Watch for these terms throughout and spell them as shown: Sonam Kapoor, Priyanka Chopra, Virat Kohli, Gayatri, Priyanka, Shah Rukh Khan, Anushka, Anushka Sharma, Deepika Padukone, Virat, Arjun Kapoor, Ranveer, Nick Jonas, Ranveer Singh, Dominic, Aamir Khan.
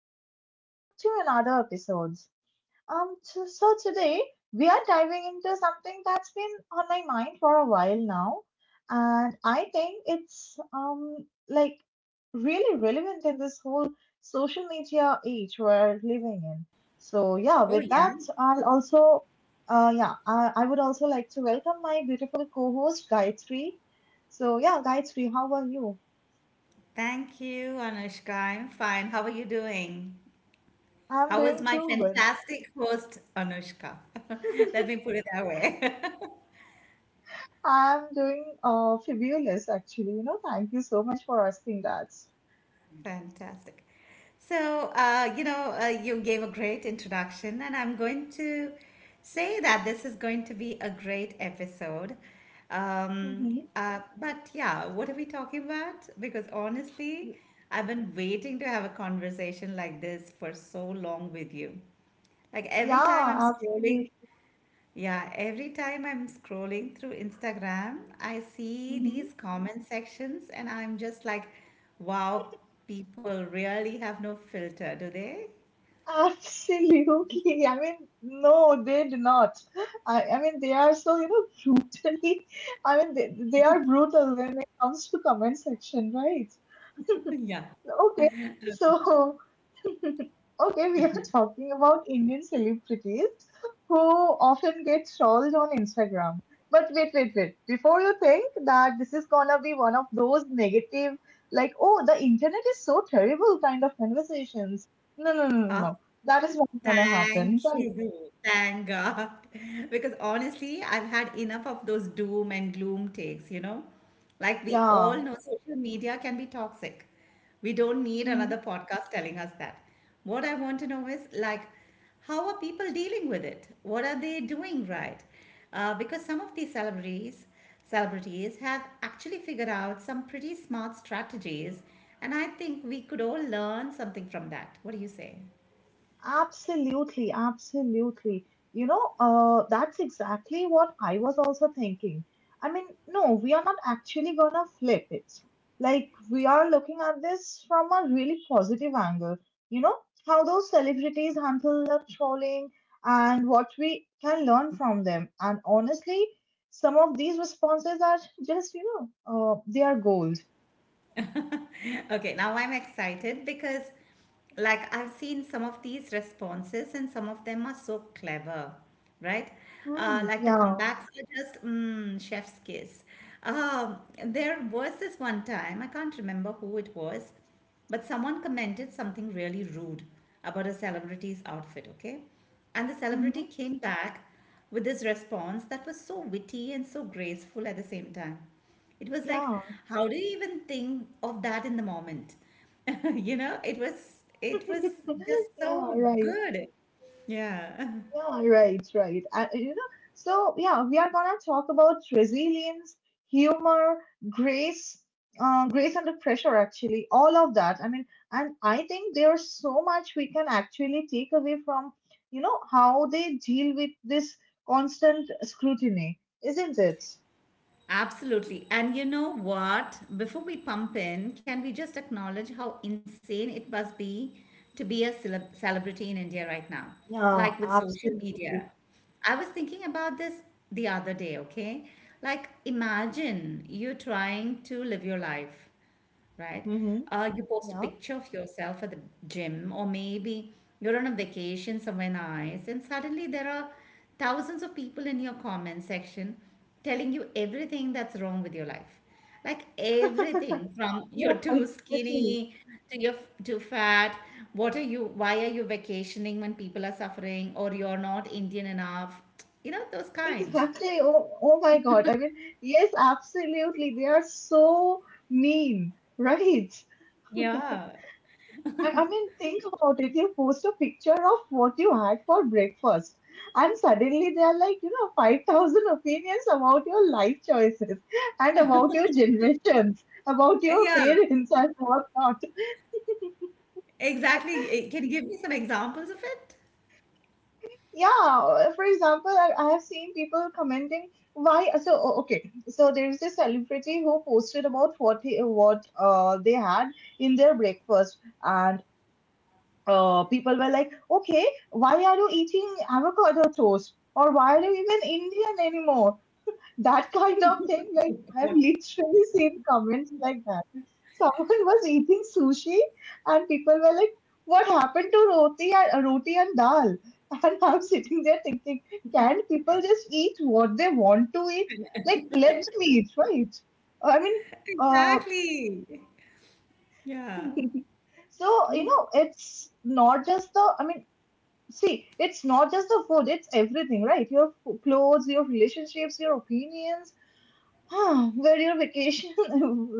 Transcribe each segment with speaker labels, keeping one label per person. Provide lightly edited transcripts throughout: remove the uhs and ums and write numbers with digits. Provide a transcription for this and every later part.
Speaker 1: and welcome back to another episode. So today we are diving into something that's been on my mind for a while now, and I think it's really relevant in this whole social media age we're living in. So yeah,
Speaker 2: Oh,
Speaker 1: with
Speaker 2: yeah.
Speaker 1: that I'll also I would also like to welcome my beautiful co-host Gayatri. So yeah, Gayatri, how are you?
Speaker 2: Thank you, Anushka. I'm fine. How are you doing?
Speaker 1: I'm
Speaker 2: How is
Speaker 1: doing
Speaker 2: my
Speaker 1: too good.
Speaker 2: fantastic host, Anushka? Let me put it that way.
Speaker 1: I'm doing fabulous, actually. You know, thank you so much for asking that.
Speaker 2: Fantastic. So, you gave a great introduction, and I'm going to say that this is going to be a great episode. Um,
Speaker 1: Hmm.
Speaker 2: but yeah, what are we talking about? Because honestly, I've been waiting to have a conversation like this for so long with you. Like every time I'm
Speaker 1: Yeah,
Speaker 2: scrolling
Speaker 1: absolutely.
Speaker 2: Yeah, every time I'm scrolling through Instagram, I see
Speaker 1: Hmm.
Speaker 2: these comment sections and I'm just like, wow, people really have no filter, do they?
Speaker 1: Absolutely. I mean, no, they do not. I mean, they are so, you know, brutally, I mean, they are brutal when it comes to comment section, right?
Speaker 2: Yeah.
Speaker 1: Okay. So, Okay, we are talking about Indian celebrities who often get trolled on Instagram. But wait, wait, wait. Before you think that this is gonna be one of those negative, like, oh, the internet is so terrible kind of conversations. No, no, no, no, no. That is not gonna
Speaker 2: Thank
Speaker 1: happen. Right.
Speaker 2: you. Thank God. Because honestly, I've had enough of those doom and gloom takes, you know? Like we all
Speaker 1: Yeah.
Speaker 2: know social media can be toxic. We don't need another
Speaker 1: Mm-hmm.
Speaker 2: podcast telling us that. What I want to know is like, how are people dealing with it? What are they doing right? Because some of these celebrities have actually figured out some pretty smart strategies, and I think we could all learn something from that. What do you say?
Speaker 1: Absolutely, absolutely. You know, that's exactly what I was also thinking. I mean, no, we are not actually gonna flip it. Like, we are looking at this from a really positive angle. You know, how those celebrities handle the trolling and what we can learn from them. And honestly, some of these responses are just, you know, they are gold.
Speaker 2: Okay, now I'm excited because, like, I've seen some of these responses and some of them are so clever, right?
Speaker 1: Hmm.
Speaker 2: Like the
Speaker 1: Yeah.
Speaker 2: comebacks are just chef's kiss. Um, there was this one time, I can't remember who it was, but someone commented something really rude about a celebrity's outfit, okay? And the
Speaker 1: Hmm.
Speaker 2: celebrity came back with this response that was so witty and so graceful at the same time. It was like,
Speaker 1: Yeah.
Speaker 2: how do you even think of that in the moment? You know, it was just
Speaker 1: Yeah,
Speaker 2: so
Speaker 1: right.
Speaker 2: good. Yeah.
Speaker 1: Yeah, right, right. And you know, so yeah, we are gonna talk about resilience, humor, grace, grace under pressure, actually, all of that. I mean, and I think there's so much we can actually take away from, you know, how they deal with this constant scrutiny, isn't it?
Speaker 2: Absolutely. And you know what? Before we pump in, can we just acknowledge how insane it must be to be a celebrity in India right now?
Speaker 1: Yeah,
Speaker 2: Like with social
Speaker 1: absolutely.
Speaker 2: media. I was thinking about this the other day, okay? Like, imagine you trying to live your life, right?
Speaker 1: Mm-hmm.
Speaker 2: You post a
Speaker 1: Yeah.
Speaker 2: picture of yourself at the gym, or maybe you're on a vacation somewhere nice, and suddenly there are thousands of people in your comment section telling you everything that's wrong with your life. Like everything from
Speaker 1: Yeah,
Speaker 2: you're too
Speaker 1: exactly.
Speaker 2: skinny to too fat. What are you? Why are you vacationing when people are suffering? Or you're not Indian enough? You know, those kinds.
Speaker 1: Exactly. Oh, oh my God. I mean, yes, absolutely. They are so mean, right?
Speaker 2: Yeah.
Speaker 1: I mean, think about it. You post a picture of what you had for breakfast, and suddenly there are like, you know, 5,000 opinions about your life choices and about your generations, about your
Speaker 2: Yeah.
Speaker 1: parents and whatnot.
Speaker 2: Exactly. Can you give me some examples of it?
Speaker 1: Yeah, for example, I have seen people commenting why. So there is this celebrity who posted about what he, what they had in their breakfast, and people were like, okay, why are you eating avocado toast, or why are you even Indian anymore? That kind of thing. Like I've
Speaker 2: Oh,
Speaker 1: literally seen comments like that. Someone was eating sushi and people were like, "What happened to roti and dal?" And I'm sitting there thinking, "Can people just eat what they want to eat? Like let them eat, right?" I mean, uh,
Speaker 2: exactly. Yeah.
Speaker 1: so you know, it's not just the. I mean. See, it's not just the food, it's everything, right? Your clothes, your relationships, your opinions, Huh, where your vacation,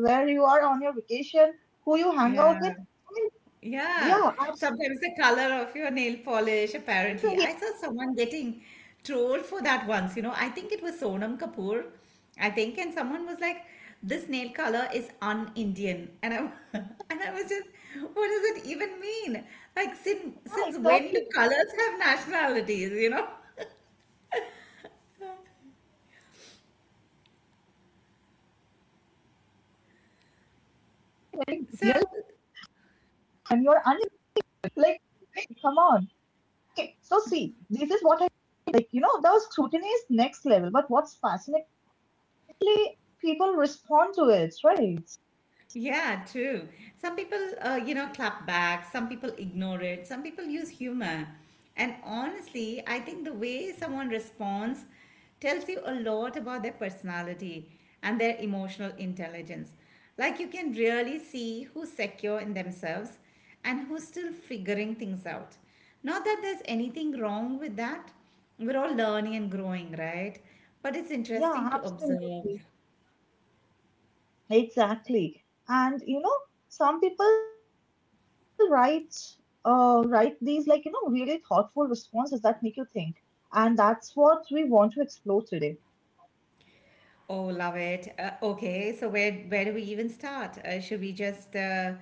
Speaker 1: where you are on your vacation, who you hang
Speaker 2: Yeah.
Speaker 1: out with. I mean,
Speaker 2: Yeah.
Speaker 1: yeah, absolutely.
Speaker 2: Sometimes the color of your nail polish, apparently. I saw someone getting trolled for that once, you know. I think it was Sonam Kapoor, I think, and someone was like, this nail color is un-Indian. And I and I was just, what does it even mean? Like since
Speaker 1: Yeah,
Speaker 2: since when do
Speaker 1: exactly.
Speaker 2: colors have nationalities, you know?
Speaker 1: Yes, and you're
Speaker 2: So
Speaker 1: unlimited. Like, hey, come on. Okay, so see, this is what I like. You know, the scrutiny is next level, but what's fascinatingly, people respond to it, right?
Speaker 2: yeah, true. Some people, clap back, some people ignore it, some people use humor. And honestly, I think the way someone responds tells you a lot about their personality and their emotional intelligence. Like you can really see who's secure in themselves and who's still figuring things out. Not that there's anything wrong with that. We're all learning and growing, right? But it's
Speaker 1: Yeah,
Speaker 2: interesting to observe.
Speaker 1: absolutely. Exactly. And you know, some people write these like, you know, really thoughtful responses that make you think. And that's what we want to explore today.
Speaker 2: Oh, love it. Okay, so where do we even start? Should we just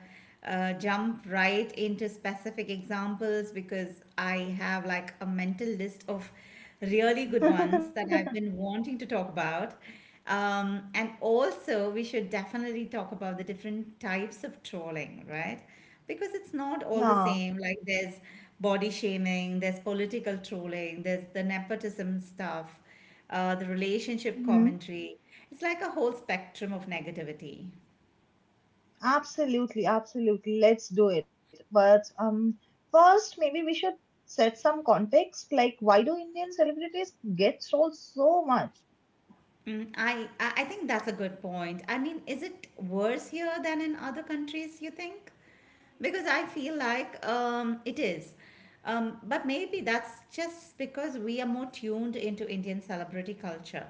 Speaker 2: jump right into specific examples because I have like a mental list of really good ones that I've been wanting to talk about. And also, we should definitely talk about the different types of trolling, right? Because it's not all the
Speaker 1: Yeah.
Speaker 2: same. Like there's body shaming, there's political trolling, there's the nepotism stuff, the relationship
Speaker 1: Hmm.
Speaker 2: commentary. It's like a whole spectrum of negativity.
Speaker 1: Absolutely, absolutely. Let's do it. But first maybe we should set some context, like why do Indian celebrities get sold so much?
Speaker 2: I think that's a good point. I mean, is it worse here than in other countries, you think? Because I feel like it is. But maybe that's just because we are more tuned into Indian celebrity culture.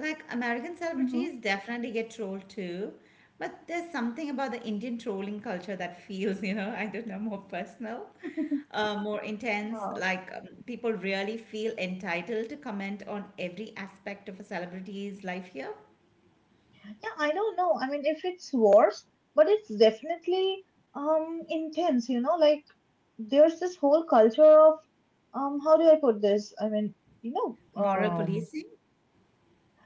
Speaker 2: Like American
Speaker 1: Mm-hmm.
Speaker 2: celebrities definitely get trolled too, but there's something about the Indian trolling culture that feels, you know, I don't know, more personal, more intense.
Speaker 1: Yeah.
Speaker 2: Like people really feel entitled to comment on every aspect of a celebrity's life here.
Speaker 1: Yeah, I don't know. I mean, if it's worse, but it's definitely intense, you know, like there's this whole culture of how do I put this? I mean, you know,
Speaker 2: Moral
Speaker 1: um
Speaker 2: policing.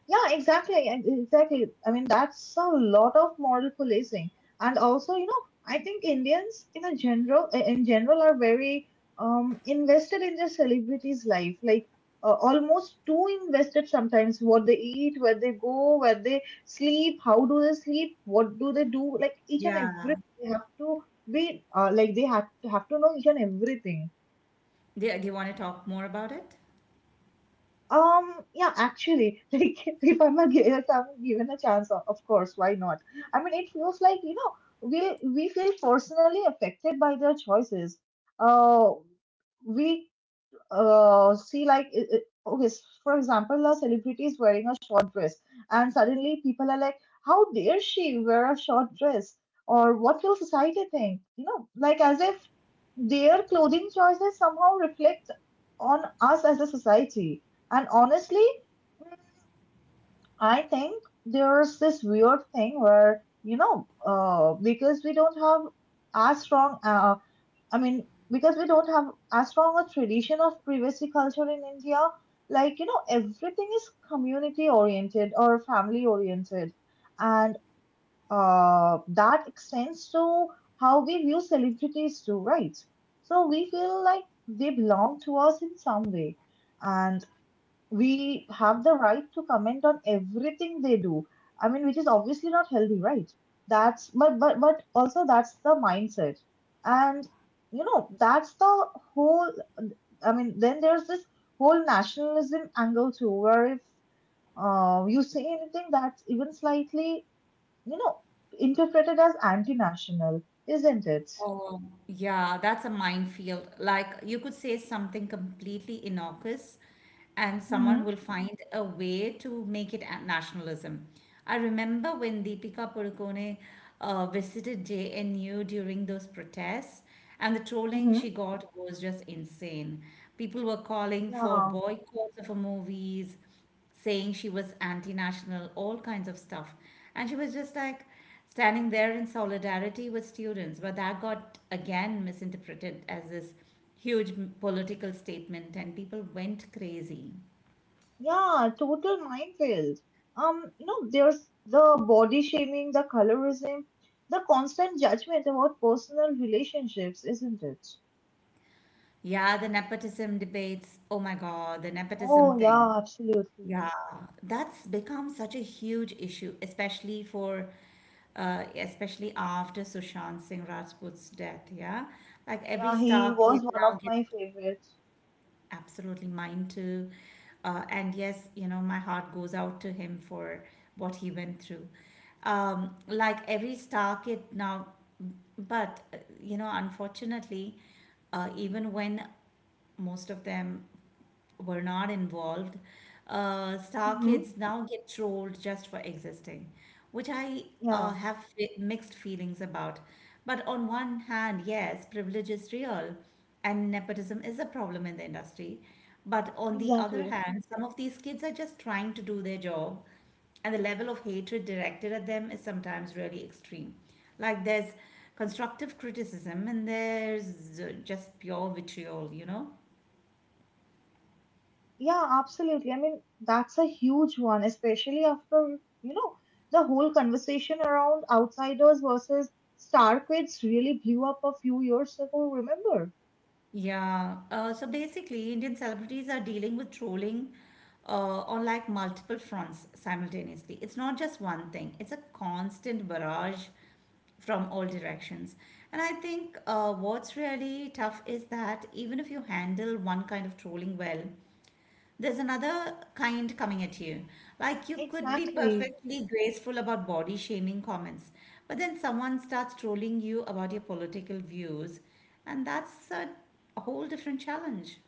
Speaker 1: yeah, exactly. Exactly. I mean, that's a lot of moral policing. And also, you know, I think Indians in general are very invested in their celebrities' life, like almost too invested sometimes. What they eat, where they go, where they sleep, how do they sleep, what do they do, like each and
Speaker 2: Yeah.
Speaker 1: every, they have to be they have to know each and everything.
Speaker 2: Do you want to talk more about it?
Speaker 1: Yeah, actually, like if I'm a, if I'm given a chance, of course, why not? I mean, it feels like, you know, we feel personally affected by their choices. Uh, we see like okay, for example, a celebrity is wearing a short dress, and suddenly people are like, how dare she wear a short dress, or what will society think, you know, like as if their clothing choices somehow reflect on us as a society. And honestly, I think there's this weird thing where, you know, because we don't have as strong a I mean, because we don't have as strong a tradition of privacy culture in India, like, you know, everything is community oriented or family oriented. And that extends to how we view celebrities too, right? So we feel like they belong to us in some way. And we have the right to comment on everything they do. I mean, which is obviously not healthy, right? That's but also that's the mindset, and you know that's the whole. I mean, then there's this whole nationalism angle too, where if you say anything that's even slightly you know interpreted as anti-national, isn't it?
Speaker 2: Oh, yeah, that's a minefield. Like you could say something completely innocuous, and someone
Speaker 1: Mm-hmm.
Speaker 2: will find a way to make it nationalism. I remember when Deepika Padukone visited JNU during those protests, and the trolling
Speaker 1: Mm-hmm.
Speaker 2: she got was just insane. People were calling for
Speaker 1: Yeah.
Speaker 2: boycotts of her movies, saying she was anti national, all kinds of stuff. And she was just like standing there in solidarity with students. But that got again misinterpreted as this huge political statement, and people went crazy.
Speaker 1: Yeah, total minefield. You know, there's the body shaming, the colorism, the constant judgment about personal relationships, isn't it?
Speaker 2: Yeah, the nepotism debates. Oh my God, the
Speaker 1: Oh,
Speaker 2: nepotism thing.
Speaker 1: yeah, absolutely.
Speaker 2: Yeah, that's become such a huge issue, especially for, especially after Sushant Singh Rajput's death. Yeah, like every
Speaker 1: Yeah, he
Speaker 2: star
Speaker 1: was
Speaker 2: kid
Speaker 1: one of
Speaker 2: now.
Speaker 1: my favorites.
Speaker 2: Absolutely, mine too. And yes, you know, my heart goes out to him for what he went through. Like every star kid now, but, you know, unfortunately, even when most of them were not involved. Star
Speaker 1: Mm-hmm.
Speaker 2: kids now get trolled just for existing, which I uh,
Speaker 1: Yeah,
Speaker 2: have fi- mixed feelings about. But on one hand, yes, privilege is real and nepotism is a problem in the industry. But on the other
Speaker 1: exactly.
Speaker 2: hand, some of these kids are just trying to do their job, and the level of hatred directed at them is sometimes really extreme. Like there's constructive criticism and there's just pure vitriol, you know?
Speaker 1: Yeah, absolutely. I mean, that's a huge one, especially after, you know, the whole conversation around outsiders versus star kids really blew up a few years ago, remember?
Speaker 2: Yeah. So basically, Indian celebrities are dealing with trolling on like multiple fronts simultaneously. It's not just one thing, it's a constant barrage from all directions. And I think what's really tough is that even if you handle one kind of trolling well, there's another kind coming at you. Like you could be
Speaker 1: Exactly.
Speaker 2: perfectly graceful about body shaming comments, but then someone starts trolling you about your political views, and a whole different challenge.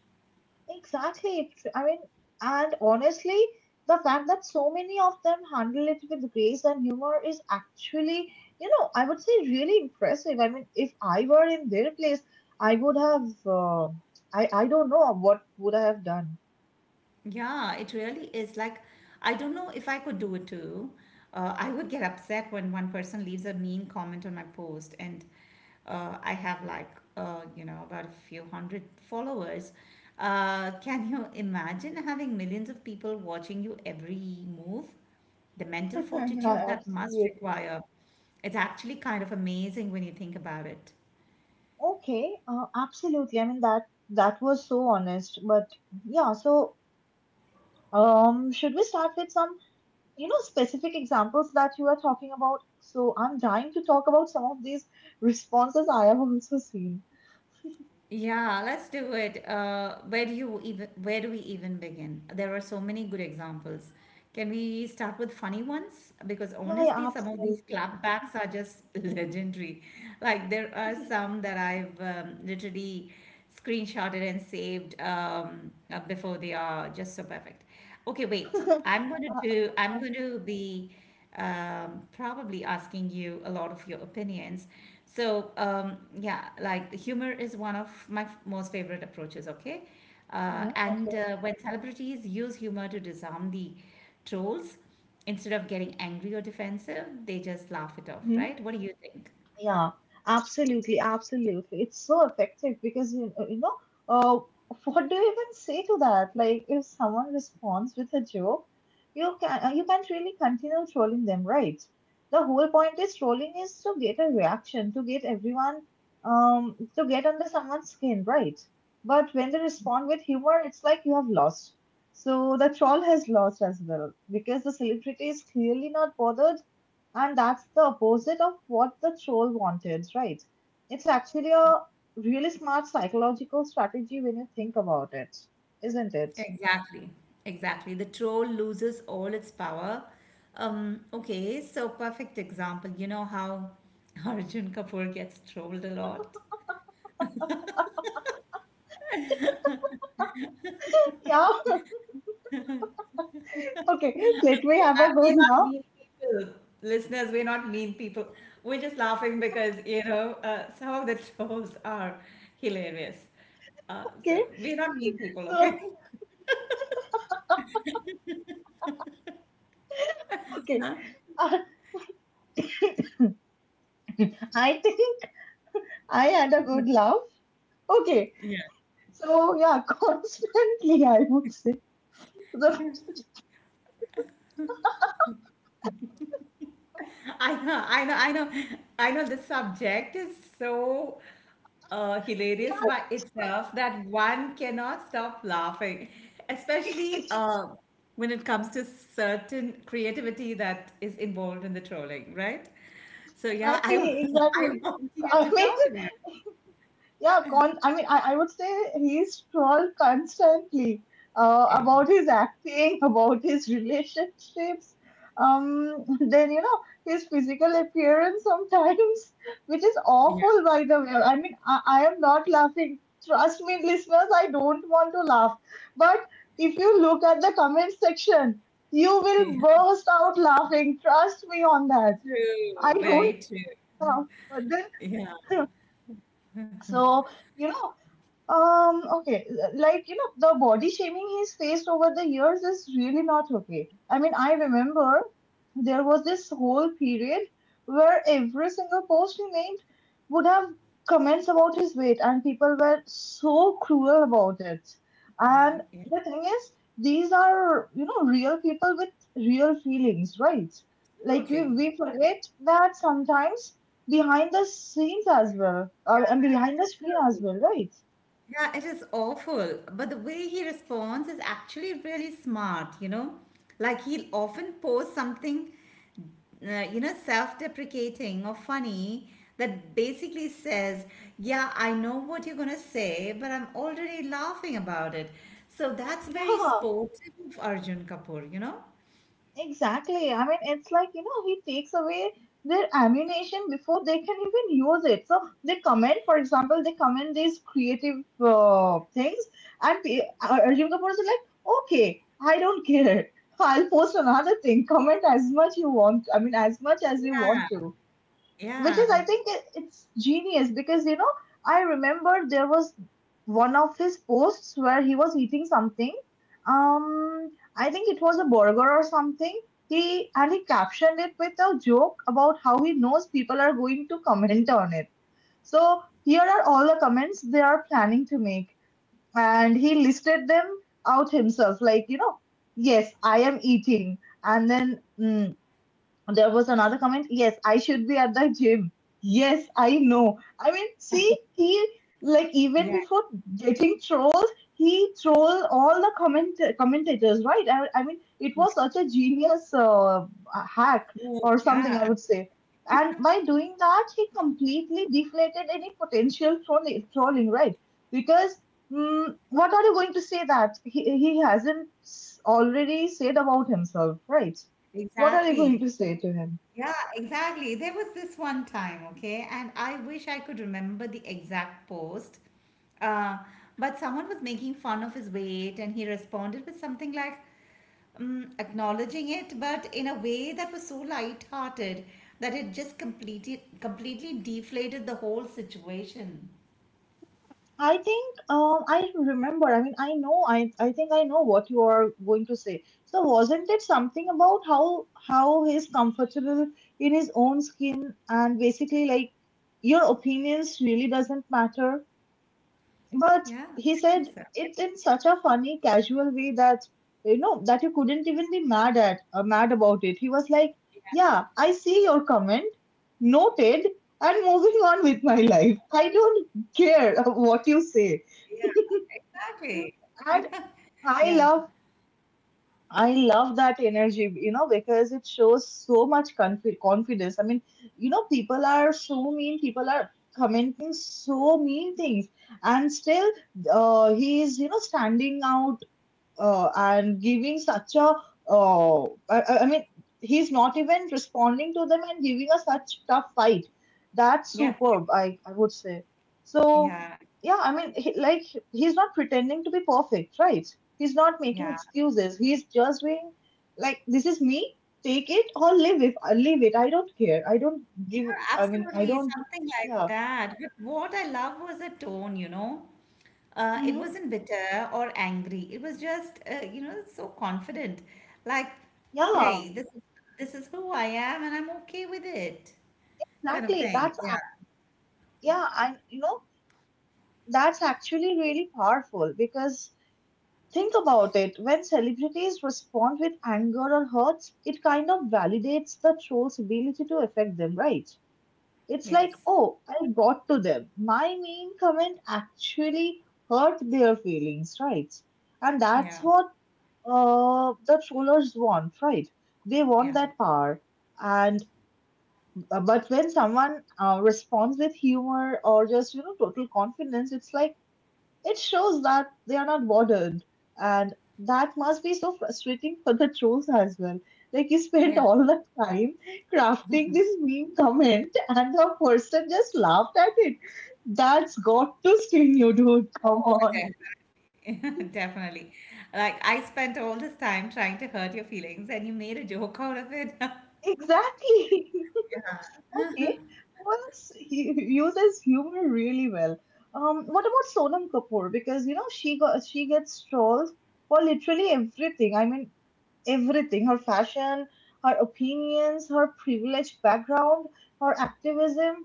Speaker 1: Exactly. It's, I mean, and honestly, the fact that so many of them handle it with grace and humor is actually, you know, I would say really impressive. I mean, if I were in their place, I would have, I don't know what would I have done.
Speaker 2: Yeah, it really is. Like, I don't know if I could do it too. I would get upset when one person leaves a mean comment on my post, and I have like you know about a few hundred followers. Can you imagine having millions of people watching you every move? The mental fortitude
Speaker 1: Yeah,
Speaker 2: that must
Speaker 1: absolutely.
Speaker 2: require. It's actually kind of amazing when you think about it.
Speaker 1: Okay, absolutely. I mean that was so honest, but yeah. So, should we start with some? You know, specific examples that you are talking about, so I'm dying to talk about some of these responses I have also seen.
Speaker 2: Yeah, let's do it. Where do we even begin? There are so many good examples. Can we start with funny ones? Because
Speaker 1: Yeah, yeah,
Speaker 2: honestly, some of these
Speaker 1: absolutely.
Speaker 2: clapbacks are just legendary. Like there are some that I've literally screenshotted and saved, before they are just so perfect. Okay, wait.
Speaker 1: uh, uh,
Speaker 2: I'm going to be probably asking you a lot of your opinions. So, yeah, like the humor is one of my most favorite approaches, okay?
Speaker 1: mhm,
Speaker 2: And
Speaker 1: okay.
Speaker 2: When celebrities use humor to disarm the trolls, instead of getting angry or defensive, they just laugh it off,
Speaker 1: Mm-hmm.
Speaker 2: right? What do you think?
Speaker 1: Yeah, absolutely, absolutely. It's so effective because you know, uh, what do you even say to that? Like, if someone responds with a joke, you can't really continue trolling them, right? The whole point is trolling is to get a reaction, to get everyone, to get under someone's skin, right? But when they respond with humor, it's like you have lost. So the troll has lost as well because the celebrity is clearly not bothered, and that's the opposite of what the troll wanted, right? It's actually a really smart psychological strategy when you think about it, isn't it?
Speaker 2: Exactly, exactly. The troll loses all its power. Okay, so perfect example. You know how Arjun Kapoor gets trolled a lot.
Speaker 1: Yeah. Okay. Let me have a
Speaker 2: We're
Speaker 1: good
Speaker 2: not
Speaker 1: laugh.
Speaker 2: mean people, listeners. We're not mean people. We're just laughing because you know some of the trolls are hilarious.
Speaker 1: Okay.
Speaker 2: So we're not mean people,
Speaker 1: So,
Speaker 2: okay?
Speaker 1: okay.
Speaker 2: Huh?
Speaker 1: uh, I think I had a good laugh. Okay.
Speaker 2: Yeah.
Speaker 1: So, yeah, constantly, I would say. So,
Speaker 2: I know, I know, I know, I know. The subject is so hilarious
Speaker 1: yeah,
Speaker 2: by itself that one cannot stop laughing, especially when it comes to certain creativity that is involved in the trolling, right? So yeah,
Speaker 1: exactly,
Speaker 2: I
Speaker 1: exactly.
Speaker 2: want you
Speaker 1: I
Speaker 2: to
Speaker 1: mean,
Speaker 2: talk about
Speaker 1: yeah, I mean, I would say he's trolled constantly
Speaker 2: it. Yeah,
Speaker 1: about his acting, about his relationships. Um, then you know his physical appearance sometimes, which is
Speaker 2: yeah,
Speaker 1: awful, by the way. I mean, I am not laughing. Trust me, listeners, I don't want to laugh. But if you look at the comment section, you
Speaker 2: yeah.
Speaker 1: will burst out laughing. Trust me on that.
Speaker 2: True,
Speaker 1: I don't
Speaker 2: very true.
Speaker 1: laugh, but
Speaker 2: Yeah,
Speaker 1: then so you know okay, like you know, the body shaming he's faced over the years is really not okay. I mean, I remember there was this whole period where every single post he made would have comments about his weight, and people were so cruel about it.
Speaker 2: yeah,
Speaker 1: And
Speaker 2: yeah.
Speaker 1: the thing is, these are you know real people with real feelings, right? Like we,
Speaker 2: Absolutely.
Speaker 1: we forget that sometimes behind the scenes as well, and behind the screen as well, right?
Speaker 2: Yeah, it is awful. But the way he responds is actually really smart, you know? Like he'll often post something, self deprecating or funny that basically says, yeah, I know what you're going to say, but I'm already laughing about it. So that's very
Speaker 1: Yeah,
Speaker 2: sportive of Arjun Kapoor, you know?
Speaker 1: exactly. I mean, it's like, you know, he takes away their ammunition before they can even use it. So they comment, for example, they comment these creative things, and Arjun Kapoor is like, okay, I don't care. I'll post another thing. Comment as much you want. I mean, as much as you want
Speaker 2: Yeah,
Speaker 1: to. which is
Speaker 2: yeah,
Speaker 1: i think it- it's genius, because I remember there was one of his posts where he was eating something. um I think it was a burger or something. He and he captioned it with a joke about how he knows people are going to comment on it. So here are all the comments they are planning to make, and he listed them out himself, like, yes, I am eating. And then there was another comment. Yes, I should be at the gym. Yes, I know. I mean, see, he like, even
Speaker 2: yeah.
Speaker 1: before getting trolled, he trolled all the commentators, right? I mean, it
Speaker 2: Yes,
Speaker 1: was such a genius hack
Speaker 2: yes.
Speaker 1: or something,
Speaker 2: Yeah,
Speaker 1: I would say. And by doing that, he completely deflated any potential trolling, right? Because what are you going to say that he hasn't already said about himself, right? What are you going
Speaker 2: exactly.
Speaker 1: to say to him?
Speaker 2: Yeah, exactly. There was this one time, okay, and I wish I could remember the exact post. Uh, but someone was making fun of his weight, and he responded with something like acknowledging it, but in a way that was so light-hearted that it just completed completely deflated the whole situation.
Speaker 1: I think. I remember. I mean, I know. I think I know what you are going to say. So wasn't it something about how he's comfortable in his own skin and basically, like, your opinions really doesn't matter? But
Speaker 2: Yeah,
Speaker 1: he
Speaker 2: I think
Speaker 1: said
Speaker 2: so.
Speaker 1: it in such a funny, casual way that you couldn't even be mad about it. He was like, "Yeah, I see your comment, noted, and moving on with my life. I don't care what you
Speaker 2: Yeah,
Speaker 1: say."
Speaker 2: yeah, exactly.
Speaker 1: And
Speaker 2: Yeah,
Speaker 1: I love I love that energy, because it shows so much confidence. I mean, people are so mean. People are commenting so mean things, and still, he is, standing out and giving such a uh, I mean he's not even responding to them, and giving us such tough fight. That's
Speaker 2: yeah,
Speaker 1: superb, I would say. So,
Speaker 2: yeah,
Speaker 1: yeah. I mean, like, he's not pretending to be perfect, right? He's not
Speaker 2: yeah.
Speaker 1: making excuses. He's just being, like, this is me. Take it or leave it. I don't care. I don't
Speaker 2: Yeah,
Speaker 1: give- I mean, I
Speaker 2: absolutely,
Speaker 1: don't-
Speaker 2: something like
Speaker 1: Yeah.
Speaker 2: that. But what I love was the tone, you know. It
Speaker 1: Hmm.
Speaker 2: wasn't bitter or angry. It was just, you know, so confident. Like,
Speaker 1: Yeah.
Speaker 2: hey, this is who I am, and I'm okay with it, kind of
Speaker 1: Exactly.
Speaker 2: thing. Yeah.
Speaker 1: Yeah. And that's actually really powerful, because think about it: when celebrities respond with anger or hurt, it kind of validates the troll's ability to affect them, right? It's like,
Speaker 2: Yes.
Speaker 1: oh, I got to them. My mean comment actually hurt their feelings, right? And that's
Speaker 2: Yeah.
Speaker 1: what the trollers want, right? They want
Speaker 2: Yeah.
Speaker 1: that power. And but when someone responds with humor or just total confidence, it's like it shows that they are not bothered, and that must be so frustrating for the trolls as well. Like, you spent
Speaker 2: Yeah.
Speaker 1: all the time crafting this meme comment, and the person just laughed at it. That's got to sting you, dude. Come
Speaker 2: Oh,
Speaker 1: on.
Speaker 2: definitely. Definitely. Like, I spent all this time trying to hurt your feelings, and you made a joke out of it.
Speaker 1: Exactly. Okay, once he uses humor really well. What about Sonam Kapoor? Because she gets trolled for literally everything. I mean, everything, her fashion, her opinions, her privileged background, her activism,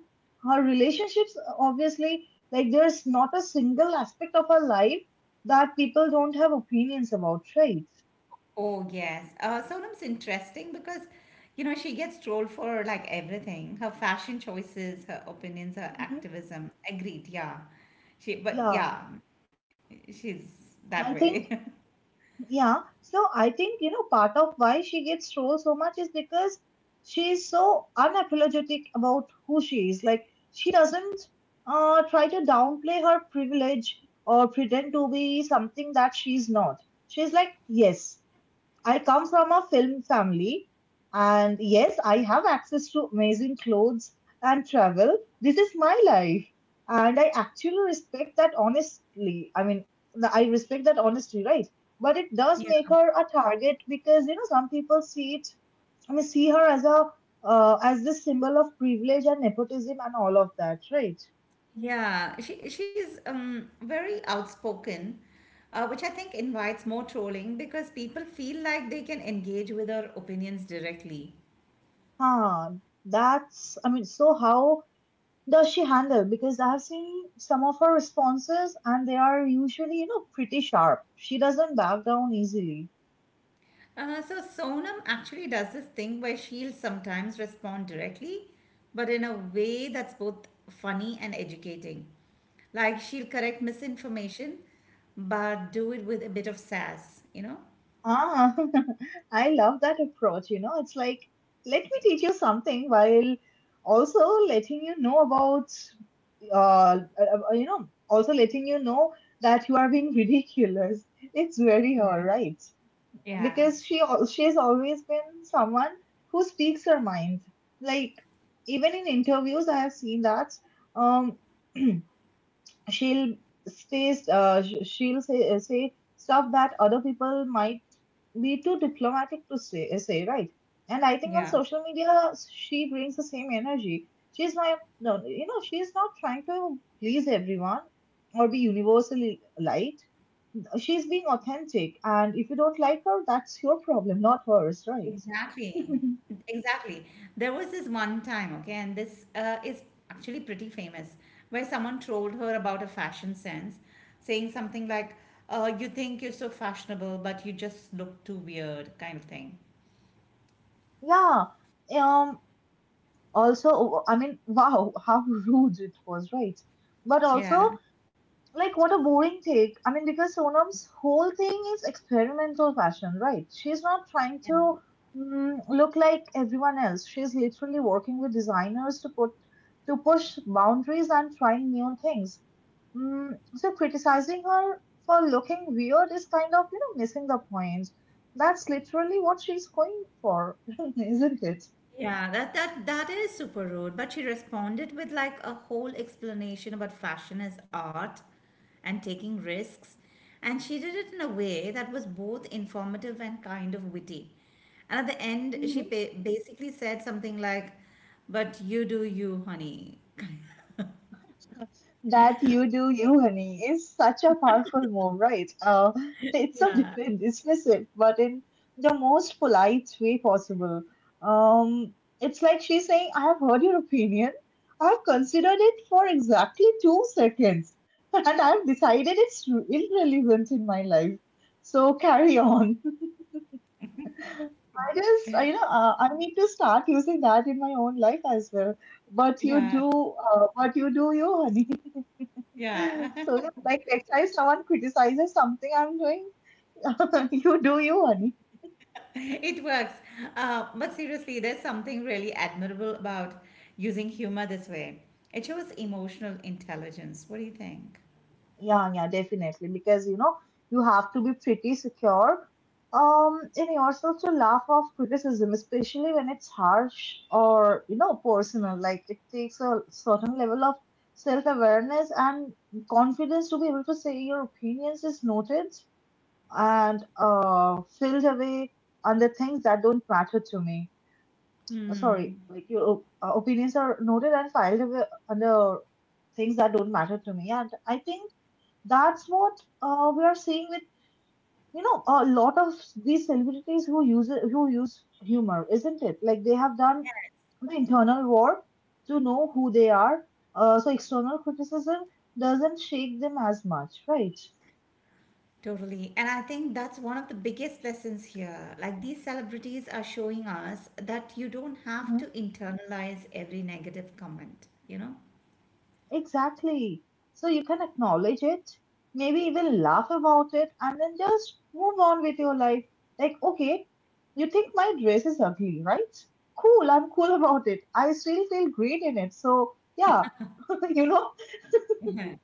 Speaker 1: her relationships. Obviously, like, there's not a single aspect of her life that people don't have opinions about, right?
Speaker 2: Oh, yes. Sonam's interesting because, she gets trolled for like everything. Her fashion choices, her opinions, her
Speaker 1: Mhm.
Speaker 2: activism. Agreed, yeah. She, but
Speaker 1: Yeah,
Speaker 2: yeah, she's that
Speaker 1: I
Speaker 2: way.
Speaker 1: think. Yeah, so I think, part of why she gets trolled so much is because she is so unapologetic about who she is. Like, she doesn't try to downplay her privilege or pretend to be something that she's not. She's like, yes, I come from a film family, and yes, I have access to amazing clothes and travel. This is my life, and I actually respect that honestly. I mean, I respect that honesty, right? But it does
Speaker 2: Yeah.
Speaker 1: make her a target, because some people see it. I mean, see her as a as this symbol of privilege and nepotism and all of that, right?
Speaker 2: Yeah, she's very outspoken, which I think invites more trolling because people feel like they can engage with her opinions directly.
Speaker 1: Huh. That's- I mean, so how does she handle? Because I've seen some of her responses, and they are usually, pretty sharp. She doesn't back down easily.
Speaker 2: So Sonam actually does this thing where she'll sometimes respond directly, but in a way that's both funny and educating. Like she'll correct misinformation, but do it with a bit of sass, you know?
Speaker 1: Ah, I love that approach. You know, it's like, let me teach you something, while also letting you know about, also letting you know that you are being ridiculous. It's very her,
Speaker 2: Yeah.
Speaker 1: right?
Speaker 2: Yeah.
Speaker 1: Because she's always been someone who speaks her mind. Like, even in interviews, I have seen that um, she'll she'll say stuff that other people might be too diplomatic to say, right. And I think, on
Speaker 2: Yeah.
Speaker 1: social media, she brings the same energy. She's my No, she's not trying to please everyone or be universally liked. She's being authentic, and if you don't like her, that's your problem, not hers, right?
Speaker 2: Exactly. Exactly. There was this one time, okay, and this is actually pretty famous, where someone trolled her about her fashion sense, saying something like, you think you're so fashionable, but you just look too weird, kind of thing.
Speaker 1: Yeah. Um, also, I mean, wow, how rude it was, right? But also,
Speaker 2: Yeah.
Speaker 1: like, what a boring take. I mean, because Sonam's whole thing is experimental fashion, right? She's not trying
Speaker 2: Yeah.
Speaker 1: to look like everyone else. She's literally working with designers to put to push boundaries and trying new things. So criticizing her for looking weird is kind of, missing the point. That's literally what she's going for, isn't it?
Speaker 2: Yeah, that is super rude. But she responded with like a whole explanation about fashion as art and taking risks. And she did it in a way that was both informative and kind of witty. And at the end, basically said something like, "But you do you, honey."
Speaker 1: That "you do you, honey" is such a powerful move, right? It's so dif-
Speaker 2: Yeah,
Speaker 1: dismissive, but in the most polite way possible. Um, it's like she's saying, I have heard your opinion. I've considered it for exactly 2 seconds, and I've decided it's irrelevant in my life. So carry on. I just, I- you know, I need to start using that in my own life as well. But you
Speaker 2: yeah,
Speaker 1: do, uh, but you do you, honey.
Speaker 2: yeah.
Speaker 1: So yeah, like, next time someone criticizes something I'm doing, you do you, honey.
Speaker 2: It works. But seriously, there's something really admirable about using humor this way. It shows emotional intelligence. What do you think?
Speaker 1: Yeah, yeah, definitely. Because you have to be pretty secure um in yourself to laugh off criticism, especially when it's harsh or, personal. Like, it takes a certain level of self-awareness and confidence to be able to say, your opinions is noted and filled away on the things that don't matter to me. uh,
Speaker 2: Hmm,
Speaker 1: sorry, like, your opinions are noted and filed away under things that don't matter to me. And I think that's what we are seeing with a lot of these celebrities who use humor, isn't it? Like, they have done the internal war to know who they are. So external criticism doesn't shake them as much, right?
Speaker 2: totally. And I think that's one of the biggest lessons here. Like these celebrities are showing us that you don't have to internalize every negative comment, you
Speaker 1: Exactly. So you can acknowledge it, maybe even laugh about it, and then just move on with your life. Like, okay, you think my dress is ugly, right? Cool, I'm cool about it. I still feel great in it. So, yeah, you know,
Speaker 2: know?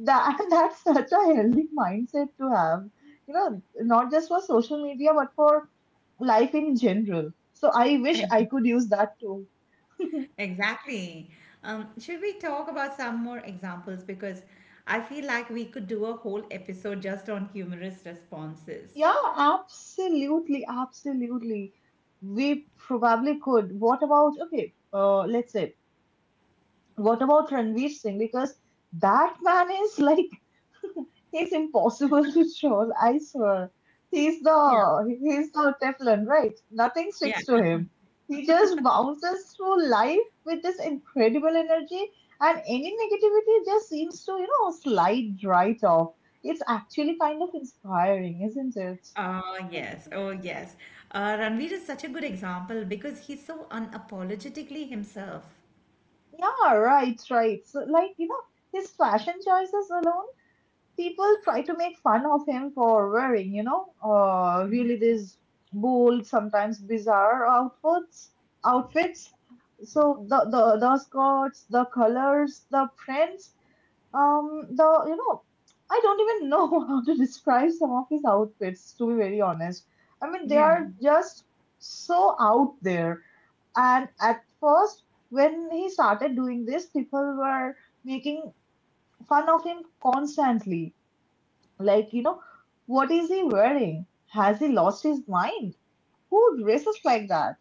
Speaker 1: that that's such a healthy mindset to have. You know, not just for social media, but for life in general. So I wish I could use that too.
Speaker 2: Exactly. Should we talk about some more examples? Because I feel like we could do a whole episode just on humorous responses.
Speaker 1: Yeah, absolutely, absolutely. We probably could. What about, okay, let's say, what about Ranveer Singh? Because that man is, like, he's impossible to troll, I swear. He's
Speaker 2: Yeah.
Speaker 1: the, he's the Teflon, right? Nothing
Speaker 2: Yeah.
Speaker 1: sticks to him. He just bounces through life with this incredible energy, and any negativity just seems to, slide right off. It's actually kind of inspiring, isn't it?
Speaker 2: Oh, yes. Oh, yes. Ranveer is such a good example because he's so unapologetically himself.
Speaker 1: Yeah, right, right. So, like, his fashion choices alone, people try to make fun of him for wearing, really, these bold, sometimes bizarre outfits. So the skirts, the colors, the prints, the I don't even know how to describe some of his outfits, to be very honest. I mean, they
Speaker 2: Yeah.
Speaker 1: are just so out there. And at first, when he started doing this, people were making fun of him constantly. Like, what is he wearing? Has he lost his mind? Who dresses like that?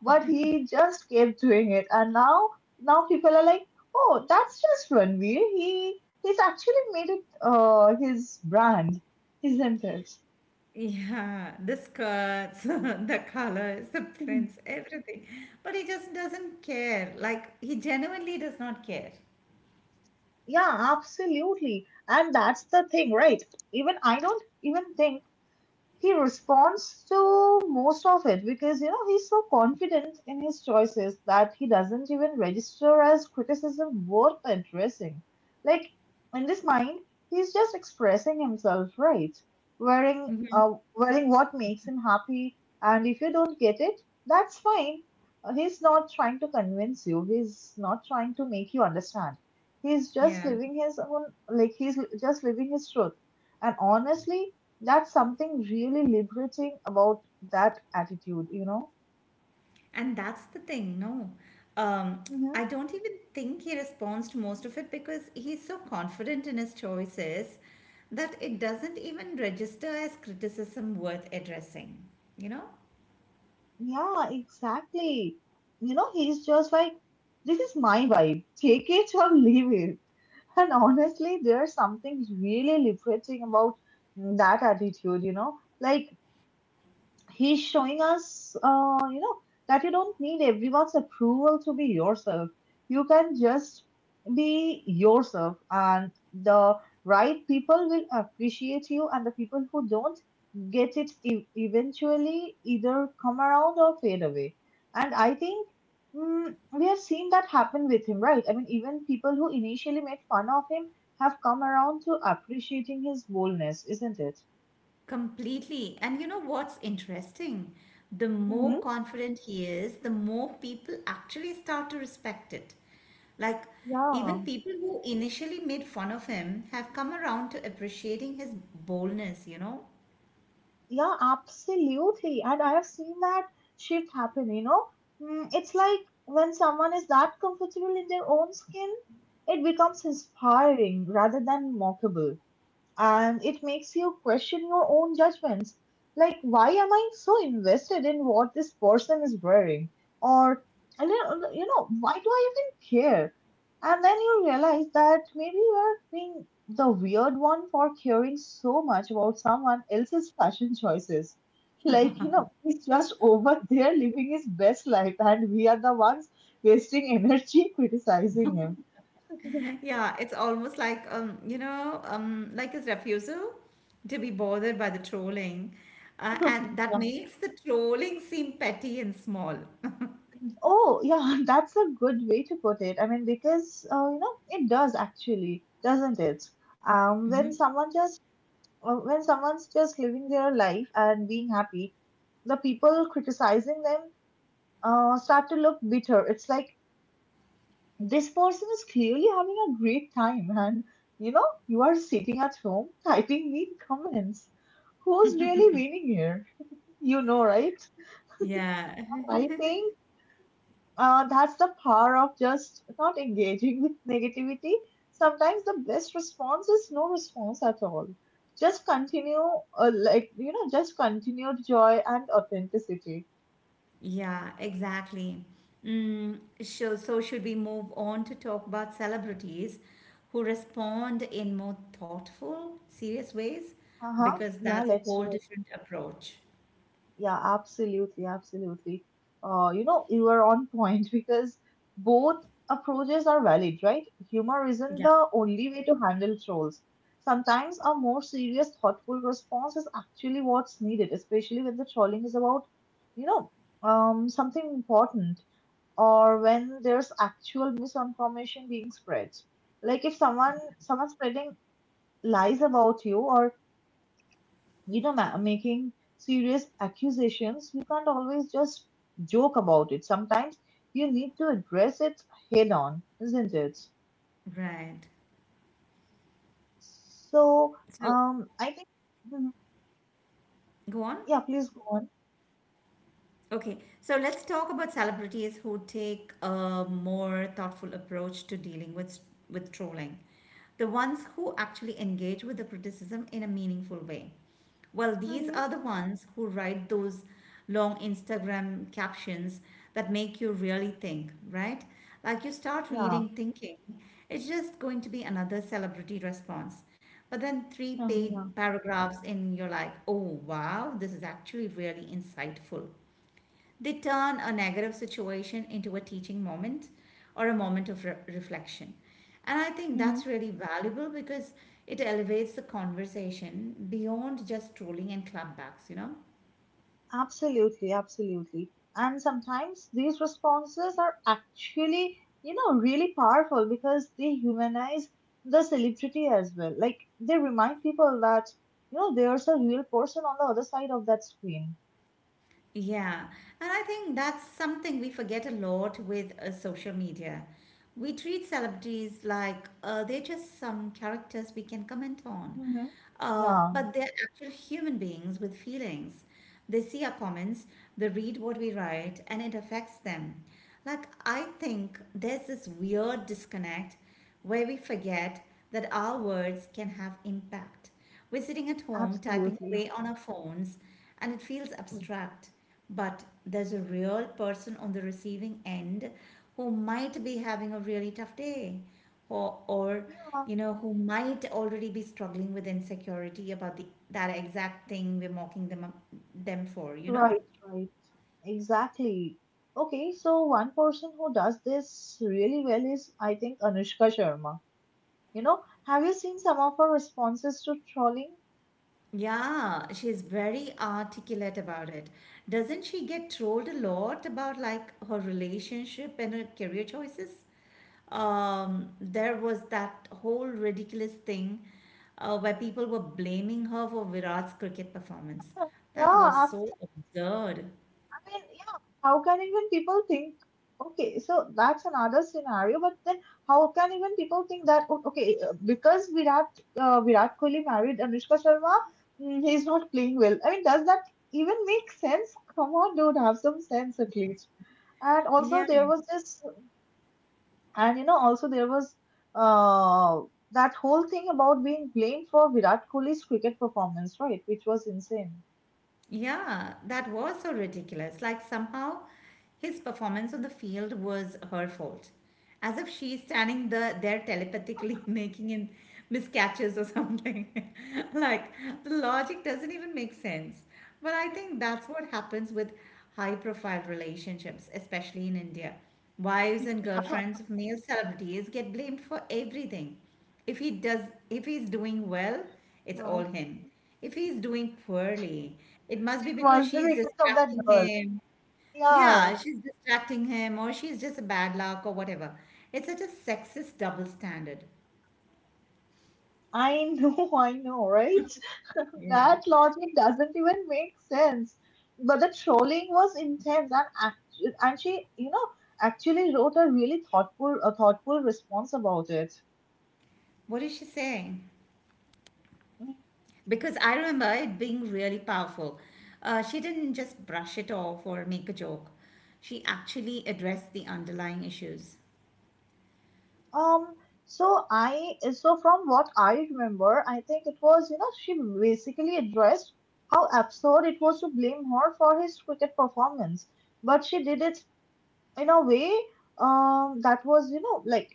Speaker 1: But he just kept doing it. And now, people are like, oh, that's just Ranveer. He's actually made it his brand, isn't it?
Speaker 2: Yeah, the skirts, the colors, the
Speaker 1: Mhm.
Speaker 2: prints, everything. But he just doesn't care. Like, he genuinely does not care.
Speaker 1: Yeah, absolutely. And that's the thing, right? Even I don't even think he responds to most of it, because he's so confident in his choices that he doesn't even register as criticism worth addressing. Like, in his mind, he's just expressing himself, right? Wearing
Speaker 2: Hmm.
Speaker 1: uh, wearing what makes him happy, and if you don't get it, that's fine. He's not trying to convince you. He's not trying to make you understand. He's just
Speaker 2: Yeah.
Speaker 1: living his own, like, he's just living his truth. And honestly, that's something really liberating about that attitude, you know?
Speaker 2: And that's the thing, no. Um,
Speaker 1: Mm-hmm.
Speaker 2: I don't even think he responds to most of it because he's so confident in his choices that it doesn't even register as criticism worth addressing, you know?
Speaker 1: Yeah, exactly. You know, he's just like, this is my vibe. Take it or leave it. And honestly, there's something really liberating about that attitude, you know? Like, he's showing us, that you don't need everyone's approval to be yourself. You can just be yourself, and the right people will appreciate you, and the people who don't get it eventually either come around or fade away. And I think we have seen that happen with him, right? I mean, even people who initially made fun of him have come around to appreciating his boldness, isn't it?
Speaker 2: Completely. And you know what's interesting? The
Speaker 1: Mm-hmm.
Speaker 2: more confident he is, the more people actually start to respect it. Like, even
Speaker 1: Yeah.
Speaker 2: people who initially made fun of him have come around to appreciating his boldness, you know?
Speaker 1: Yeah, absolutely. And I have seen that shift happen, you know. It's like when someone is that comfortable in their own skin, it becomes inspiring rather than mockable, and it makes you question your own judgments. Like, why am I so invested in what this person is wearing? Or, I don't- you know, why do I even care? And then you realize that maybe you're being the weird one for caring so much about someone else's fashion choices. Like, you know, he's just over there living his best life, and we are the ones wasting energy criticizing him.
Speaker 2: Yeah, it's almost like, like his refusal to be bothered by the trolling. And that makes the trolling seem petty and small.
Speaker 1: Oh, yeah, that's a good way to put it. I mean, because you know, it does actually, doesn't it? When someone just when someone's just living their life and being happy, the people criticizing them start to look bitter. It's like this person is clearly having a great time, and you know, you are sitting at home typing mean comments. Who's really winning here? You know, right?
Speaker 2: Yeah.
Speaker 1: I think that's the power of just not engaging with negativity. Sometimes the best response is no response at all. Just continue, just continued joy and authenticity.
Speaker 2: Yeah, exactly. Mm, so should we move on to talk about celebrities who respond in more thoughtful, serious ways?
Speaker 1: Uh huh.
Speaker 2: Because
Speaker 1: Yeah,
Speaker 2: that's a
Speaker 1: let's
Speaker 2: whole
Speaker 1: do it.
Speaker 2: different approach.
Speaker 1: Yeah, absolutely, absolutely. You know, you are on point because both approaches are valid, right? Humor isn't
Speaker 2: Yeah.
Speaker 1: the only way to handle trolls. Sometimes a more serious, thoughtful response is actually what's needed, especially when the trolling is about, you know, something important, or when there's actual misinformation being spread. Like if someone's spreading lies about you, or you know, making serious accusations, you can't always just joke about it. Sometimes you need to address it head on, isn't it?
Speaker 2: Right.
Speaker 1: So
Speaker 2: So
Speaker 1: I think Mhm.
Speaker 2: go on.
Speaker 1: Yeah, please go on.
Speaker 2: Okay, so let's talk about celebrities who take a more thoughtful approach to dealing with trolling. The ones who actually engage with the criticism in a meaningful way. Well, these are
Speaker 1: Mm-hmm.
Speaker 2: the ones who write those long Instagram captions that make you really think, right? Like you start
Speaker 1: yeah
Speaker 2: reading thinking, it's just going to be another celebrity response. But then three
Speaker 1: yeah
Speaker 2: paid paragraphs in, you're like, oh wow, this is actually really insightful. They turn a negative situation into a teaching moment or a moment of reflection. And I think
Speaker 1: yeah
Speaker 2: that's really valuable because it elevates the conversation beyond just trolling and clapbacks, you know.
Speaker 1: Absolutely, absolutely. And sometimes these responses are actually, you know, really powerful because they humanize the celebrity as well. Like they remind people that, you know, there's a real person on the other side of that screen.
Speaker 2: Yeah, and I think that's something we forget a lot with social media. We treat celebrities like they're just some characters we can comment on,
Speaker 1: Hmm. Yeah,
Speaker 2: but they're actual human beings with feelings. They see our comments, they read what we write, and it affects them. Like, I think there's this weird disconnect where we forget that our words can have impact. We're sitting at home typing
Speaker 1: absolutely.
Speaker 2: away on our phones, and it feels abstract. But there's a real person on the receiving end who might be having a really tough day, or
Speaker 1: Yeah,
Speaker 2: you know, who might already be struggling with insecurity about the that exact thing we're mocking them for. You know.
Speaker 1: right, right. Exactly. Okay, so one person who does this really well is, I think, Anushka Sharma. You know, have you seen some of her responses to trolling?
Speaker 2: Yeah, she's very articulate about it. Doesn't she get trolled a lot about like her relationship and her career choices? There was that whole ridiculous thing where people were blaming her for Virat's cricket performance. That was
Speaker 1: Yeah,
Speaker 2: so absurd.
Speaker 1: I mean, yeah, how can even people think? Okay, so that's another scenario. But then, how can even people think that? Okay, because Virat Kohli married Anushka Sharma, mm, he's not playing well. I mean, does that even make sense? Come on, dude, have some sense at least. And also,
Speaker 2: Yeah.
Speaker 1: there was this and you know, also there was uh, that whole thing about being blamed for Virat Kohli's cricket performance, right? Which was insane.
Speaker 2: Yeah, that was so ridiculous. Like somehow his performance on the field was her fault. As if there telepathically making him miscatches or something. Like the logic doesn't even make sense. But I think that's what happens with high profile relationships, especially in India. Wives and girlfriends of male celebrities get blamed for everything. If he does if he's doing well, it's all
Speaker 1: Yeah.
Speaker 2: him. If he's doing poorly, it must be
Speaker 1: It
Speaker 2: because
Speaker 1: must be
Speaker 2: she's
Speaker 1: because of that
Speaker 2: distracting
Speaker 1: girl.
Speaker 2: him.
Speaker 1: Yeah,
Speaker 2: Yeah, she's distracting him, or she's just a bad luck, or whatever. It's such a sexist double standard.
Speaker 1: I know, I know, right?
Speaker 2: Yeah.
Speaker 1: That logic doesn't even make sense. But the trolling was intense, and and she, you know, actually wrote a really thoughtful, a thoughtful response about it.
Speaker 2: What is she saying?
Speaker 1: Mm.
Speaker 2: Because I remember it being really powerful. She didn't just brush it off or make a joke, she actually addressed the underlying issues.
Speaker 1: Um. So from what I remember, I think it was, you know, she basically addressed how absurd it was to blame her for his cricket performance, but she did it in a way, that was, you know, like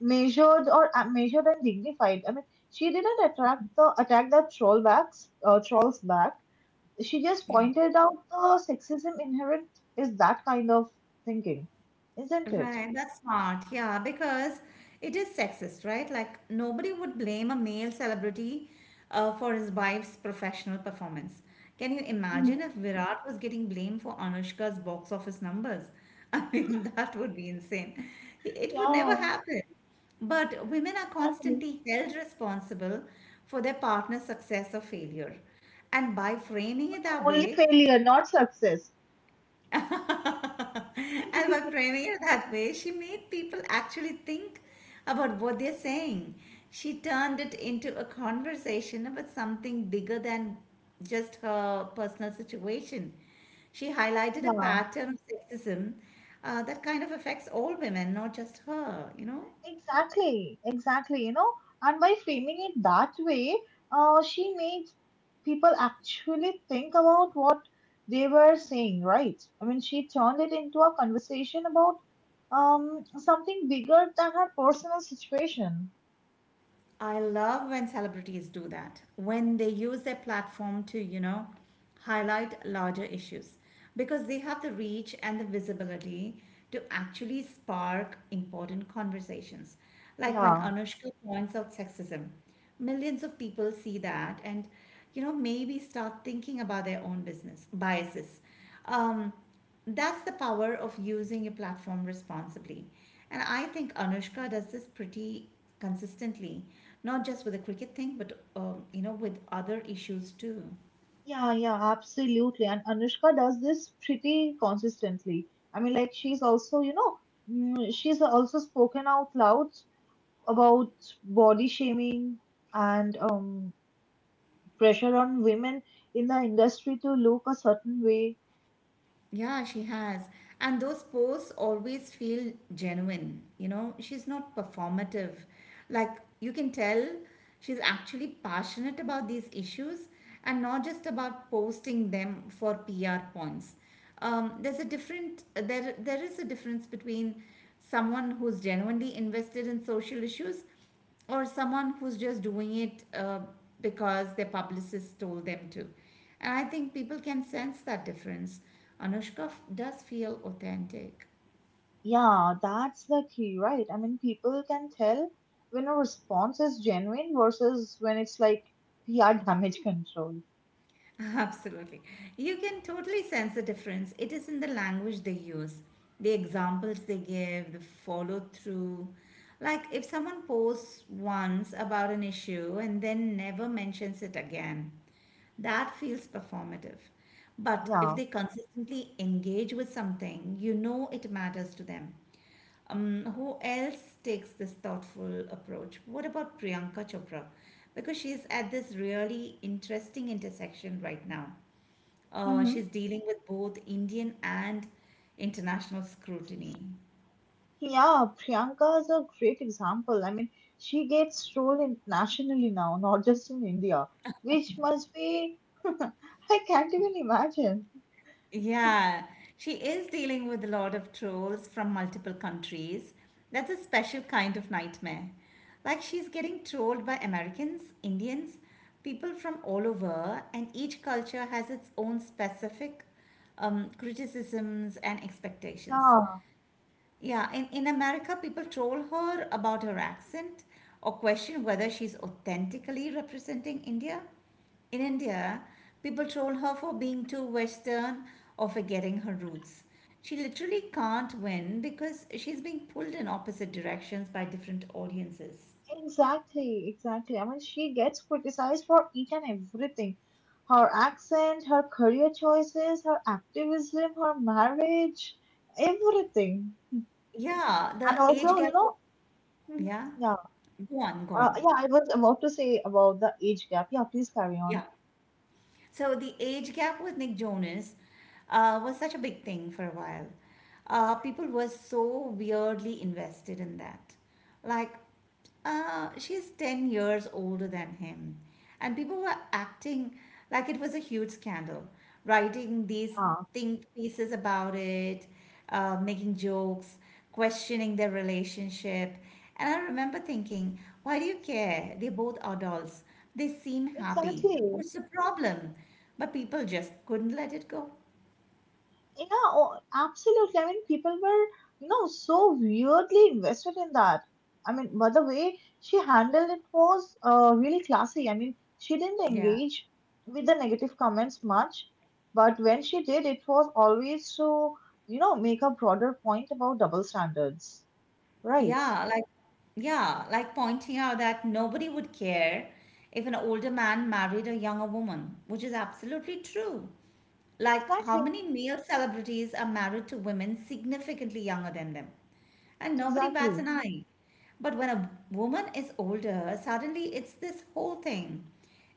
Speaker 1: measured and dignified. I mean, she didn't attract the attack trolls back. She just
Speaker 2: Yeah.
Speaker 1: pointed out the sexism inherent is that kind of thinking, isn't it?
Speaker 2: Right, that's smart. Yeah, because it is sexist, right? Like nobody would blame a male celebrity for his wife's professional performance. Can you
Speaker 1: Mhm.
Speaker 2: imagine if Virat was getting blamed for Anushka's box office numbers? I mean, that would be insane. It would
Speaker 1: Yeah,
Speaker 2: never happen. But women are
Speaker 1: exactly.
Speaker 2: constantly held responsible for their partner's success or failure. And by framing it that
Speaker 1: Only
Speaker 2: way,
Speaker 1: failure, not success.
Speaker 2: and by framing it that way, she made people actually think about what they're saying. She turned it into a conversation about something bigger than just her personal situation. She highlighted a
Speaker 1: Yeah.
Speaker 2: pattern of sexism that kind of affects all women, not just her, you know?
Speaker 1: Exactly, exactly, you know, and by framing it that way, she made people actually think about what they were saying, right? I mean, she turned it into a conversation about something bigger than her personal situation.
Speaker 2: I love when celebrities do that, when they use their platform to, you know, highlight larger issues because they have the reach and the visibility to actually spark important conversations. Like when
Speaker 1: Yeah,
Speaker 2: Anushka points out sexism, millions of people see that and, you know, maybe start thinking about their own business biases. Um, that's the power of using a platform responsibly. And I think Anushka does this pretty consistently, not just with the cricket thing, but you know, with other issues too.
Speaker 1: yeah, yeah, absolutely. And Anushka does this pretty consistently. I mean, like she's also, you know, she's also spoken out loud about body shaming and pressure on women in the industry to look a certain way.
Speaker 2: Yeah, she has. And those posts always feel genuine, you know, she's not performative. Like you can tell she's actually passionate about these issues and not just about posting them for PR points. There's a different there there is a difference between someone who's genuinely invested in social issues or someone who's just doing it because their publicist told them to. And I think people can sense that difference. Anushka does feel authentic.
Speaker 1: Yeah, that's the key, right? I mean, people can tell when a response is genuine versus when it's like PR damage control.
Speaker 2: Absolutely. You can totally sense the difference. It is in the language they use, the examples they give, the follow through. Like if someone posts once about an issue and then never mentions it again, that feels performative. But if
Speaker 1: Yeah.
Speaker 2: they consistently engage with something, you know it matters to them. Who else takes this thoughtful approach? What about Priyanka Chopra? Because she's at this really interesting intersection right now.
Speaker 1: Hmm.
Speaker 2: She's dealing with both Indian and international scrutiny.
Speaker 1: Yeah, Priyanka is a great example. I mean, she gets trolled internationally now, not just in India, which must be, I can't even imagine.
Speaker 2: Yeah, she is dealing with a lot of trolls from multiple countries. That's a special kind of nightmare. Like she's getting trolled by Americans, Indians, people from all over, and each culture has its own specific criticisms and expectations.
Speaker 1: Yeah.
Speaker 2: Yeah, in America, people troll her about her accent or question whether she's authentically representing India. In India, people troll her for being too Western or for getting her roots. She literally can't win because she's being pulled in opposite directions by different audiences.
Speaker 1: Exactly, exactly. I mean, she gets criticized for each and everything. Her accent, her career choices, her activism, her marriage, everything.
Speaker 2: Yeah,
Speaker 1: And
Speaker 2: the age
Speaker 1: also, you
Speaker 2: gap.
Speaker 1: know, mhm,
Speaker 2: Yeah,
Speaker 1: yeah,
Speaker 2: go on, go on.
Speaker 1: yeah, I was about to say about the age gap. Yeah, please carry
Speaker 2: Yeah.
Speaker 1: on.
Speaker 2: So the age gap with Nick Jonas was such a big thing for a while. People were so weirdly invested in that. Like, she's 10 years older than him. And people were acting like it was a huge scandal, writing these
Speaker 1: Yeah,
Speaker 2: think pieces about it, making jokes questioning their relationship. And I remember thinking, why do you care? They're both adults. They seem happy.
Speaker 1: exactly.
Speaker 2: What's the problem? But people just couldn't let it go.
Speaker 1: Yeah, oh, absolutely. I mean, people were, you know, so weirdly invested in that. I mean, by the way, she handled it was really classy. I mean, she didn't
Speaker 2: Yeah.
Speaker 1: engage with the negative comments much, but when she did, it was always to, you know, make a broader point about double standards, right?
Speaker 2: Yeah, like yeah, like pointing out that nobody would care if an older man married a younger woman, which is absolutely true. Like how
Speaker 1: Exactly,
Speaker 2: many male celebrities are married to women significantly younger than them? And nobody bats an
Speaker 1: exactly.
Speaker 2: eye. But when a woman is older, suddenly it's this whole thing.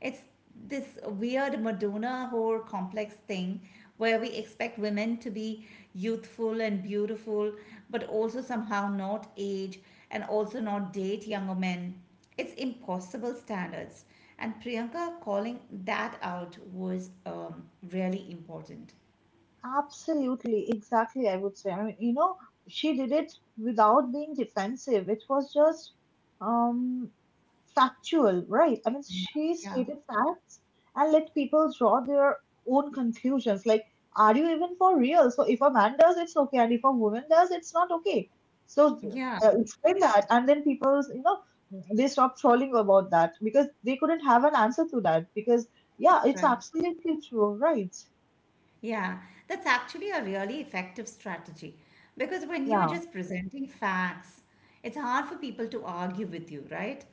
Speaker 2: It's this weird Madonna whore complex thing where we expect women to be youthful and beautiful, but also somehow not age and also not date younger men. It's impossible standards. And Priyanka calling that out was really important.
Speaker 1: Absolutely, exactly, I would say. I mean, you know, she did it without being defensive. It was just, um, factual, right? I mean,
Speaker 2: Yeah,
Speaker 1: she
Speaker 2: yeah,
Speaker 1: stated facts and let people draw their own conclusions. Like, are you even for real? So, if a man does, it's okay, and if a woman does, it's not okay. So,
Speaker 2: yeah,
Speaker 1: explain that, and then people, you know, they stop trolling about that because they couldn't have an answer to that. Because, yeah,
Speaker 2: that's
Speaker 1: it's
Speaker 2: right.
Speaker 1: absolutely true, right?
Speaker 2: Yeah, that's actually a really effective strategy because when you're
Speaker 1: Yeah,
Speaker 2: just presenting facts, it's hard for people to argue with you, right?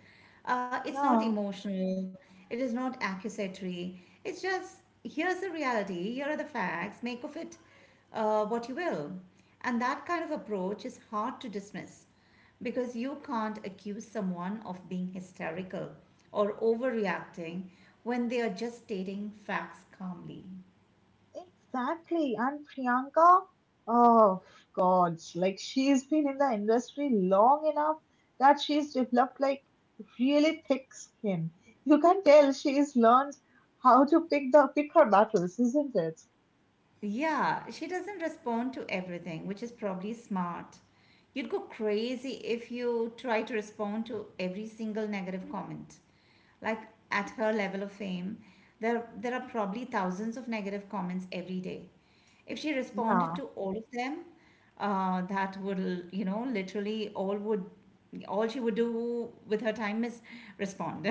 Speaker 2: It's not
Speaker 1: yeah.
Speaker 2: emotional, it is not accusatory. It's just here's the reality, here are the facts, make of it what you will. And that kind of approach is hard to dismiss because you can't accuse someone of being hysterical or overreacting when they are just stating facts calmly.
Speaker 1: Exactly. And Priyanka, oh God, like she's been in the industry long enough that she's developed like really thick skin. You can tell she's learned how to pick her battles, isn't it?
Speaker 2: Yeah, she doesn't respond to everything, which is probably smart. You'd go crazy if you try to respond to every single negative comment. Like at her level of fame, there are probably thousands of negative comments every day. If she responded
Speaker 1: Yeah,
Speaker 2: to all of them, that would, literally all she would do with her time is respond.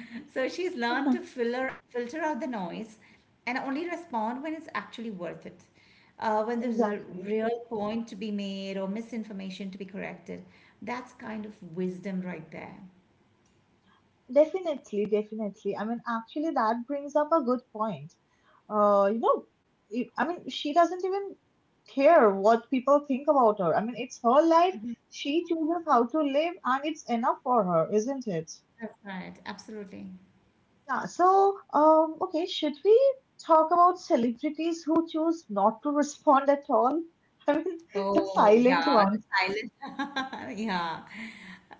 Speaker 2: so she's learned to filler, filter out the noise and only respond when it's actually worth it, when there's a
Speaker 1: exactly.
Speaker 2: real point to be made or misinformation to be corrected. That's kind of wisdom right there.
Speaker 1: Definitely, definitely. I mean, actually, that brings up a good point. You know, I mean, she doesn't even care what people think about her. I mean, it's her life. She chooses how to live, and it's enough for her, isn't it?
Speaker 2: That's right. Absolutely.
Speaker 1: Yeah. So, okay, should we talk about celebrities who choose not to respond at all? I mean, the
Speaker 2: Oh, yeah.
Speaker 1: silent
Speaker 2: The
Speaker 1: ones.
Speaker 2: silence. yeah.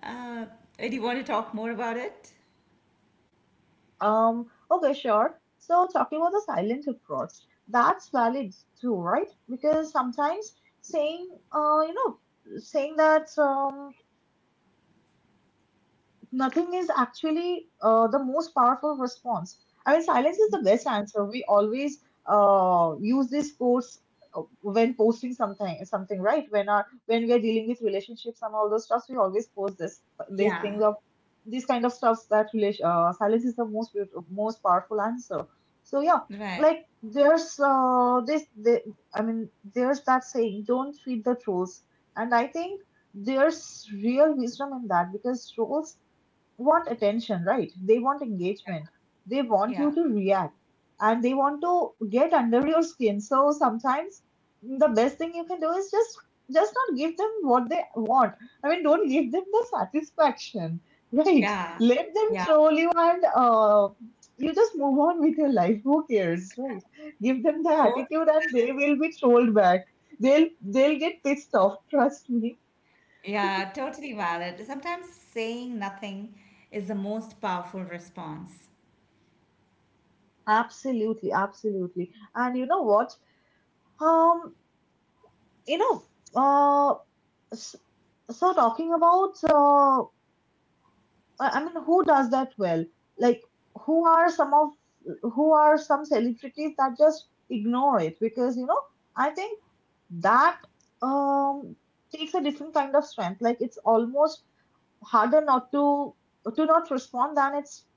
Speaker 2: Uh, do you want to talk more about it?
Speaker 1: Okay, sure. So talking about the silent approach, that's valid too, right? Because sometimes saying, you know, saying that nothing is actually the most powerful response. I mean, silence is the best answer. We always use this quotes when posting something right? When we are dealing with relationships and all those stuffs, we always post this these
Speaker 2: Yeah.
Speaker 1: things of these kind of stuffs that relation silence is the most powerful answer. So yeah,
Speaker 2: Right.
Speaker 1: like I mean there's that saying, don't feed the trolls, and I think there's real wisdom in that because trolls want attention, right? They want engagement. They want
Speaker 2: Yeah.
Speaker 1: you to react and they want to get under your skin. So sometimes the best thing you can do is just not give them what they want. I mean, don't give them the satisfaction, right?
Speaker 2: Yeah.
Speaker 1: Let them
Speaker 2: Yeah.
Speaker 1: troll you, and you just move on with your life. Who cares, right? Give them the
Speaker 2: Totally
Speaker 1: attitude and
Speaker 2: valid.
Speaker 1: they will be trolled back. They'll get pissed off. Trust me.
Speaker 2: Yeah. Totally valid. Sometimes saying nothing is the most powerful response.
Speaker 1: Absolutely, absolutely. And you know what? Um, you know, uh, s- so talking about, I mean, who does that well? Like, who are some of, who are some celebrities that just ignore it? Because, you know, I think that um takes a different kind of strength. Like, it's almost harder not to to not respond than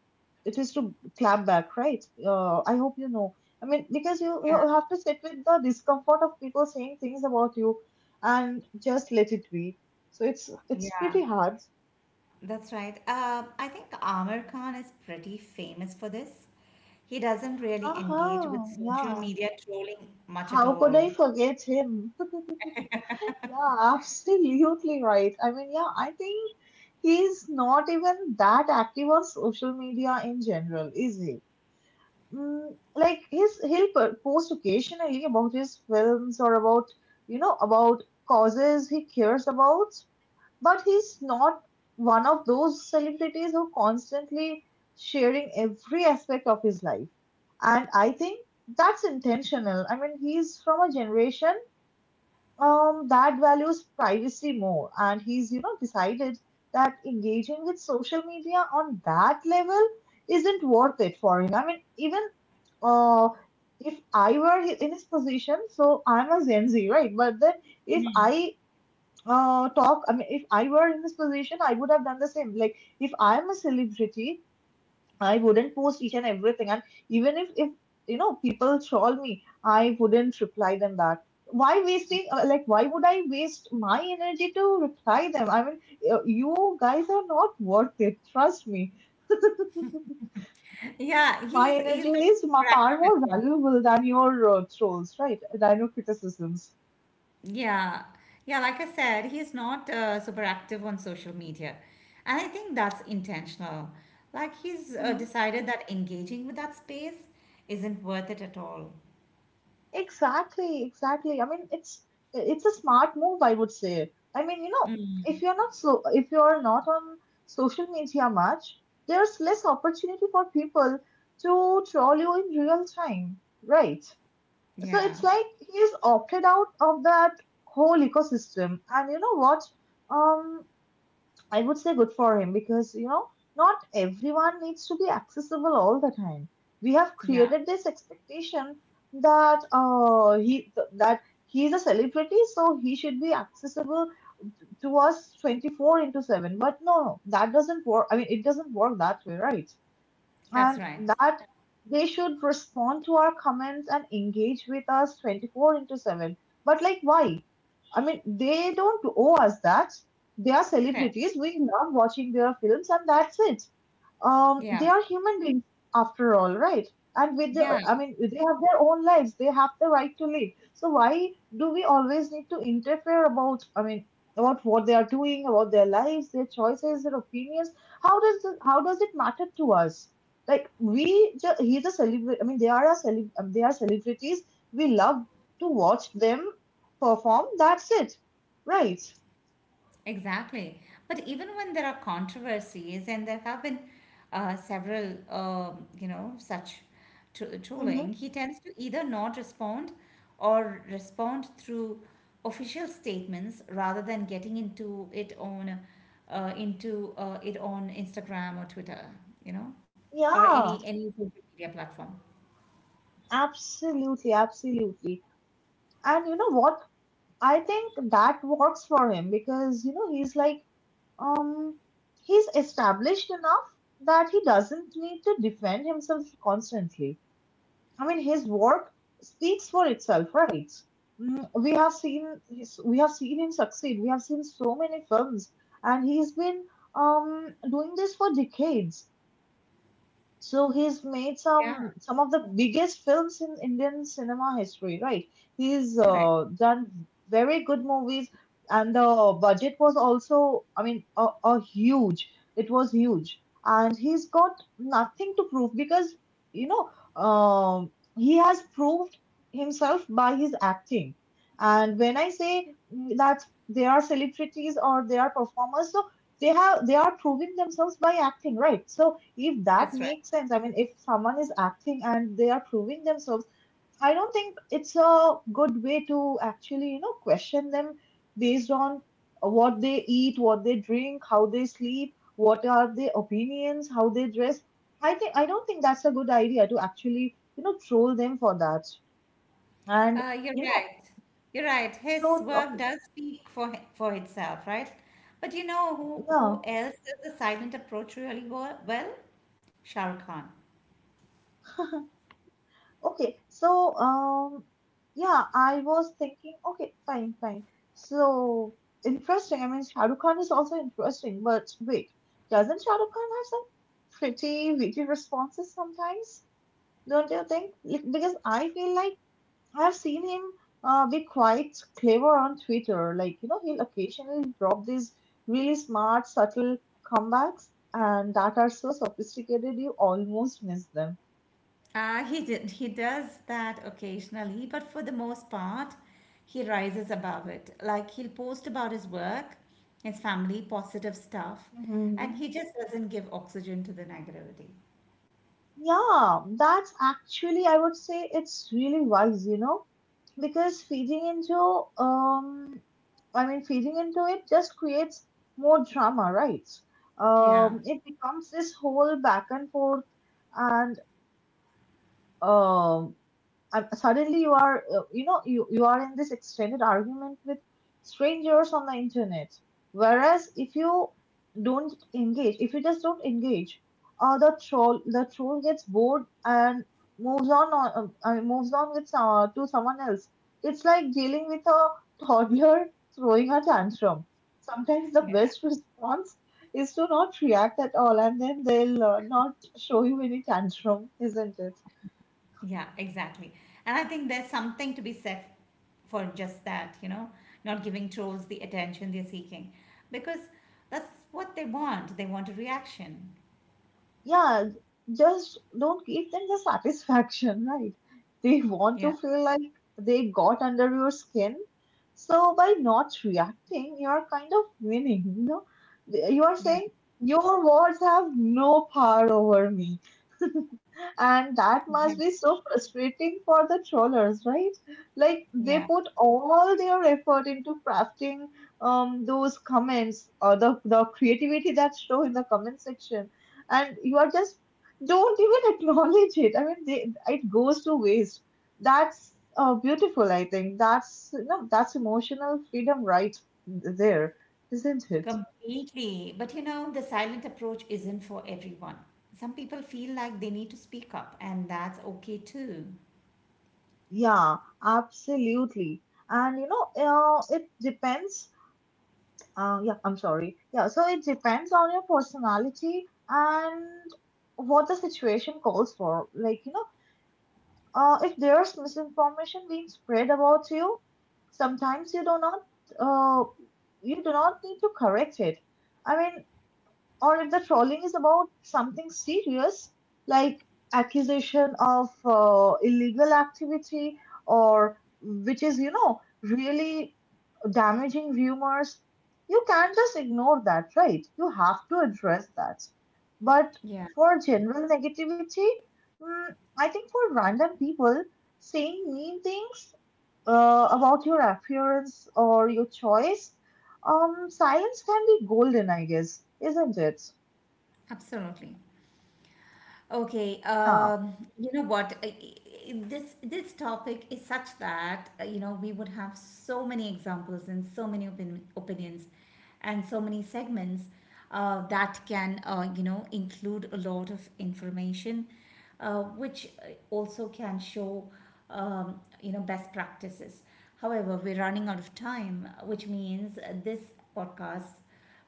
Speaker 1: it is to clap back, right? I hope you know. I mean, because
Speaker 2: Yeah.
Speaker 1: you have to sit with the discomfort of people saying things about you, and just let it be. So it's
Speaker 2: Yeah.
Speaker 1: pretty hard.
Speaker 2: That's right. I think Amir Khan is pretty famous for this. He doesn't really engage with
Speaker 1: Uh-huh,
Speaker 2: social
Speaker 1: yeah.
Speaker 2: media trolling much at
Speaker 1: How could
Speaker 2: all.
Speaker 1: I forget him? Yeah, absolutely right. I mean, yeah, I think he's not even that active on social media in general, is he? Mm, like his he'll post occasionally about his films or about you know about causes he cares about, but he's not one of those celebrities who constantly sharing every aspect of his life. And I think that's intentional. I mean, he's from a generation that values privacy more, and he's you know decided that engaging with social media on that level isn't worth it for him. I mean even uh, if I were hi- in his position, so I'm a Gen Z, right? But then if I I mean, if I were in this position, I would have done the same. Like, if I'm a celebrity, I wouldn't post each and everything. And even if you know, people troll me, I wouldn't reply them back. Why would I waste my energy to reply them? I mean, you guys are not worth it. Trust me.
Speaker 2: Yeah,
Speaker 1: My
Speaker 2: he's
Speaker 1: energy
Speaker 2: not
Speaker 1: is
Speaker 2: super
Speaker 1: far
Speaker 2: active at
Speaker 1: more
Speaker 2: all.
Speaker 1: valuable than your trolls, right? Than your criticisms.
Speaker 2: Yeah, yeah. Like I said, he's not super active on social media, and I think that's intentional. Like he's
Speaker 1: Mhm.
Speaker 2: decided that engaging with that space isn't worth it at all.
Speaker 1: Exactly, exactly. I mean, it's a smart move, I would say. I mean, if you're not on social media much, there's less opportunity for people to troll you in real time, right? So
Speaker 2: Yeah,
Speaker 1: it's like he's opted out of that whole ecosystem. And you know what? Um, I would say good for him because, not everyone needs to be accessible all the time. We have
Speaker 2: yeah.
Speaker 1: created this expectation that that he's a celebrity, so he should be accessible to us 24x7. But no, no, that doesn't work. I mean, it doesn't work that way, right?
Speaker 2: That's
Speaker 1: And
Speaker 2: right.
Speaker 1: that they should respond to our comments and engage with us 24x7. But like, why? I mean, they don't owe us that. They are
Speaker 2: Correct.
Speaker 1: celebrities. We love watching their films, and that's it. They
Speaker 2: Yeah,
Speaker 1: are human beings, after all, right? And with the
Speaker 2: yeah.
Speaker 1: I mean, they have their own lives. They have the right to live. So why do we always need to interfere about, I mean, about what they are doing, about their lives, their choices, their opinions? How does it matter to us? Like we just He's a celebrity. I mean, they are celebrities. We love to watch them perform. That's it, right?
Speaker 2: Exactly. But even when there are controversies, and there have been several, you know, such
Speaker 1: Hmm.
Speaker 2: trolling, he tends to either not respond or respond through official statements rather than getting into it on Instagram or Twitter, you know, or
Speaker 1: Yeah,
Speaker 2: any social media platform.
Speaker 1: absolutely, absolutely. And you know what? I think that works for him because, he's like, um, he's established enough that he doesn't need to defend himself constantly. I mean, his work speaks for itself, right? We have seen we have seen him succeed. We have seen so many films, and he's been um doing this for decades. So he's made
Speaker 2: Yeah,
Speaker 1: some of the biggest films in Indian cinema history, right? He's
Speaker 2: correct.
Speaker 1: done very good movies, and the budget was also, I mean, a huge. It was huge, and he's got nothing to prove because you know um, he has proved himself by his acting. And when I say that they are celebrities or they are performers, so they are proving themselves by acting, right? So if that
Speaker 2: That's right.
Speaker 1: makes sense, I mean, if someone is acting and they are proving themselves, I don't think it's a good way to actually question them based on what they eat, what they drink, how they sleep, what are their opinions, how they dress. I don't think that's a good idea to actually troll them for that. And
Speaker 2: You're
Speaker 1: you know
Speaker 2: right. You're right. His
Speaker 1: so,
Speaker 2: work
Speaker 1: okay,
Speaker 2: does speak for for itself, right? But you know
Speaker 1: yeah.
Speaker 2: who else does the silent approach really well? Shah Rukh Khan.
Speaker 1: Okay, so, yeah, I was thinking. Okay, fine, fine. So interesting. I mean, Shah Rukh Khan is also interesting, but wait, doesn't Shah Rukh Khan have some pretty witty responses sometimes? Don't you think? Like, because I feel like I have seen him be quite clever on Twitter. Like, he'll occasionally drop these really smart, subtle comebacks, and that are so sophisticated you almost miss them.
Speaker 2: He did. He does that occasionally, but for the most part, he rises above it. Like he'll post about his work, his family, positive stuff, and he just doesn't give oxygen to the negativity.
Speaker 1: Yeah, that's actually, I would say it's really wise, because feeding into, I mean, feeding into it just creates more drama, right?
Speaker 2: Yeah.
Speaker 1: It becomes this whole back and forth, and um, and suddenly you are you are in this extended argument with strangers on the internet, whereas if you don't engage if you just don't engage, the troll gets bored and moves on I mean, moves on with to someone else. It's like dealing with a toddler throwing a tantrum. Sometimes the
Speaker 2: Yeah.
Speaker 1: best response is to not react at all, and then they'll not show you any tantrum, isn't it?
Speaker 2: Yeah, exactly. And I think there's something to be said for just that, you know, not giving trolls the attention they're seeking because that's what they want. They want a reaction.
Speaker 1: Yeah, just don't give them the satisfaction, right? They want to
Speaker 2: Yeah,
Speaker 1: feel like they got under your skin, so by not reacting, you're kind of winning. You are
Speaker 2: yeah,
Speaker 1: saying your words have no power over me. And that
Speaker 2: yeah,
Speaker 1: must be so frustrating for the trollers, right? Like, they
Speaker 2: yeah,
Speaker 1: put all their effort into crafting those comments, or the creativity that's shown in the comment section, and you are just don't even acknowledge it. I mean, it goes to waste. That's beautiful, I think. That's No, that's emotional freedom right there, isn't it?
Speaker 2: completely. But you know, the silent approach isn't for everyone. Some people feel like they need to speak up, and that's okay too.
Speaker 1: Yeah, absolutely. And it depends. Yeah, I'm sorry. Yeah, so it depends on your personality and what the situation calls for. Like, if there's misinformation being spread about you, sometimes uh, you do not need to correct it. I mean, or if the trolling is about something serious, like accusation of illegal activity, or which is really damaging rumors, you can't just ignore that, right? You have to address that. But
Speaker 2: Yeah,
Speaker 1: for general negativity, mm, I think for random people saying mean things about your appearance or your choice, silence can be golden, I guess, isn't it?
Speaker 2: absolutely. Okay,
Speaker 1: Yeah.
Speaker 2: you know what? This topic is such that you know we would have so many examples and so many opinions, and so many segments that can you know include a lot of information, which also can show you know best practices. However, we're running out of time, which means this podcast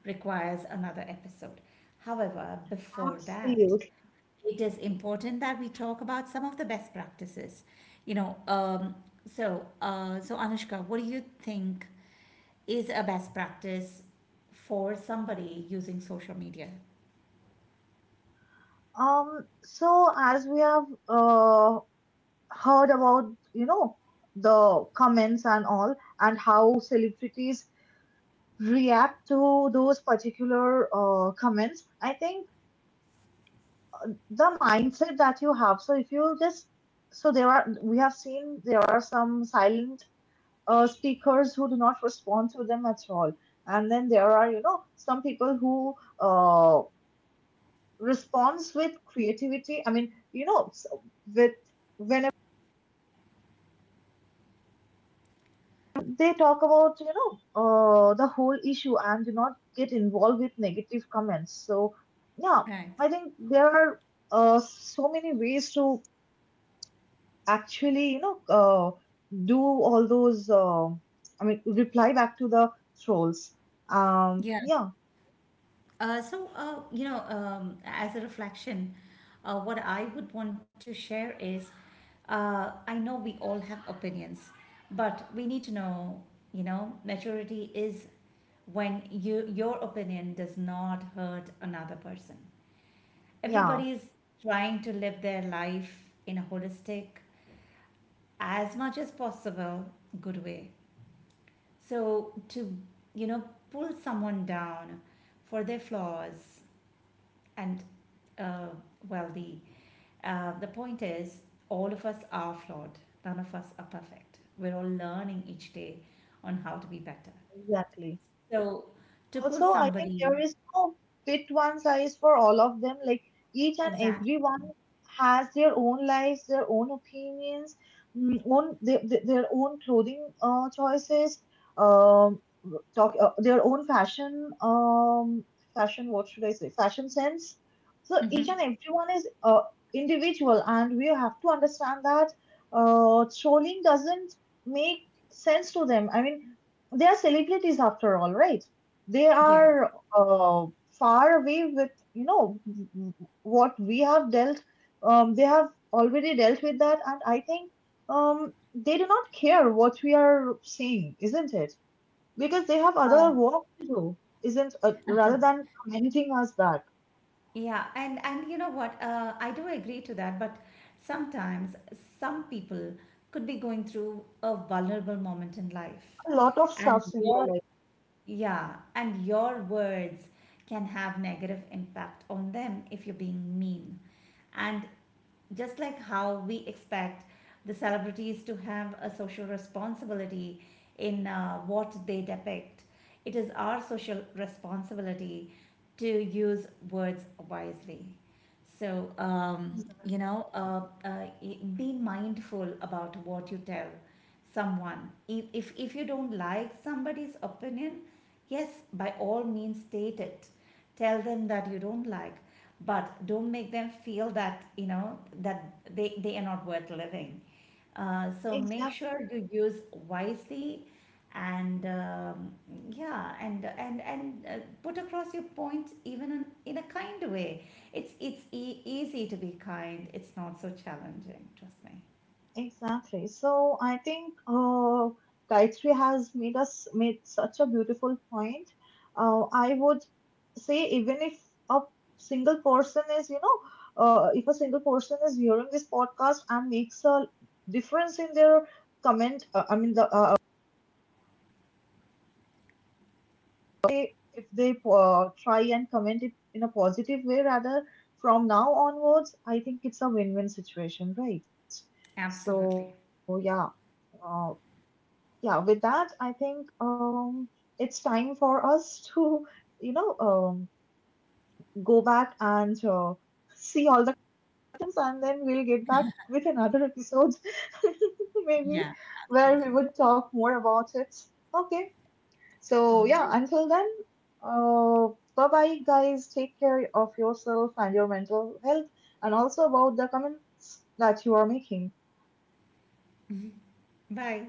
Speaker 2: requires another episode. However, before that
Speaker 1: Absolutely.
Speaker 2: it is important that we talk about some of the best practices. You know, so Anushka, what do you think is a best practice for somebody using social media?
Speaker 1: So as we have uh, heard about, the comments and all, and how celebrities react to those particular comments, I think the mindset that you have, so if you just so there are we have seen there are some silent speakers who do not respond to them at all. And then there are, some people who uh, responds with creativity. I mean, with whenever they talk about, the whole issue and do not get involved with negative comments. So yeah,
Speaker 2: Right.
Speaker 1: I think there are, so many ways to actually, do all those, I mean, reply back to the trolls. um
Speaker 2: Yeah.
Speaker 1: yeah,
Speaker 2: You know, as a reflection, what I would want to share is, I know we all have opinions, but we need to know, you know, maturity is when your opinion does not hurt another person.
Speaker 1: yeah,
Speaker 2: Everybody is trying to live their life in a holistic, as much as possible, good way. So to, you know, pull someone down for their flaws and uh, well the the point is all of us are flawed, none of us are perfect, we're all learning each day on how to be better,
Speaker 1: exactly.
Speaker 2: so to pull
Speaker 1: Also, I think
Speaker 2: somebody
Speaker 1: there is no fit one size for all of them. Like each and everyone
Speaker 2: exactly.
Speaker 1: has their own lives, their own opinions, own their own clothing choices, um, talk their own fashion, fashion, what should I say, fashion sense. So
Speaker 2: Mm-hmm.
Speaker 1: each and everyone is individual, and we have to understand that trolling doesn't make sense to them. I mean, they are celebrities after all, right? They
Speaker 2: Yes.
Speaker 1: are uh, far away with, what we have dealt. They have already dealt with that, and I think they do not care what we are saying, isn't it? Because they have other
Speaker 2: Oh.
Speaker 1: work to do, isn't, rather than commenting us back.
Speaker 2: Yeah, and you know what? I do agree to that, but sometimes some people could be going through a vulnerable moment in life,
Speaker 1: A lot of
Speaker 2: and
Speaker 1: stuffs in their
Speaker 2: your yeah, and your words can have negative impact on them if you're being mean. And just like how we expect the celebrities to have a social responsibility in what they depict, it is our social responsibility to use words wisely. So, be mindful about what you tell someone. If you don't like somebody's opinion, yes, by all means state it. Tell them that you don't like, but don't make them feel that, you know, that they are not worth living. So make
Speaker 1: life.
Speaker 2: sure you use wisely and yeah and put across your point even in a kind way. It's it's easy to be kind. It's not so challenging. Trust me.
Speaker 1: Exactly. So I think, Gayatri has made such a beautiful point. I would say, even if a single person is, you know, if a single person is hearing this podcast and makes a difference in their comment, I mean, if they try and comment it in a positive way rather, from now onwards, I think it's a win-win situation, right? So
Speaker 2: Absolutely.
Speaker 1: uh, yeah, with that I think, it's time for us to, you know um go back and, see all the questions, and then we'll get back with another episode
Speaker 2: Yeah,
Speaker 1: maybe, where
Speaker 2: absolutely.
Speaker 1: we would talk more about it. Okay,
Speaker 2: All
Speaker 1: so
Speaker 2: right.
Speaker 1: yeah, until then, uh bye bye guys. Take care of yourself and your mental health, and also about the comments that you are making.
Speaker 2: Bye.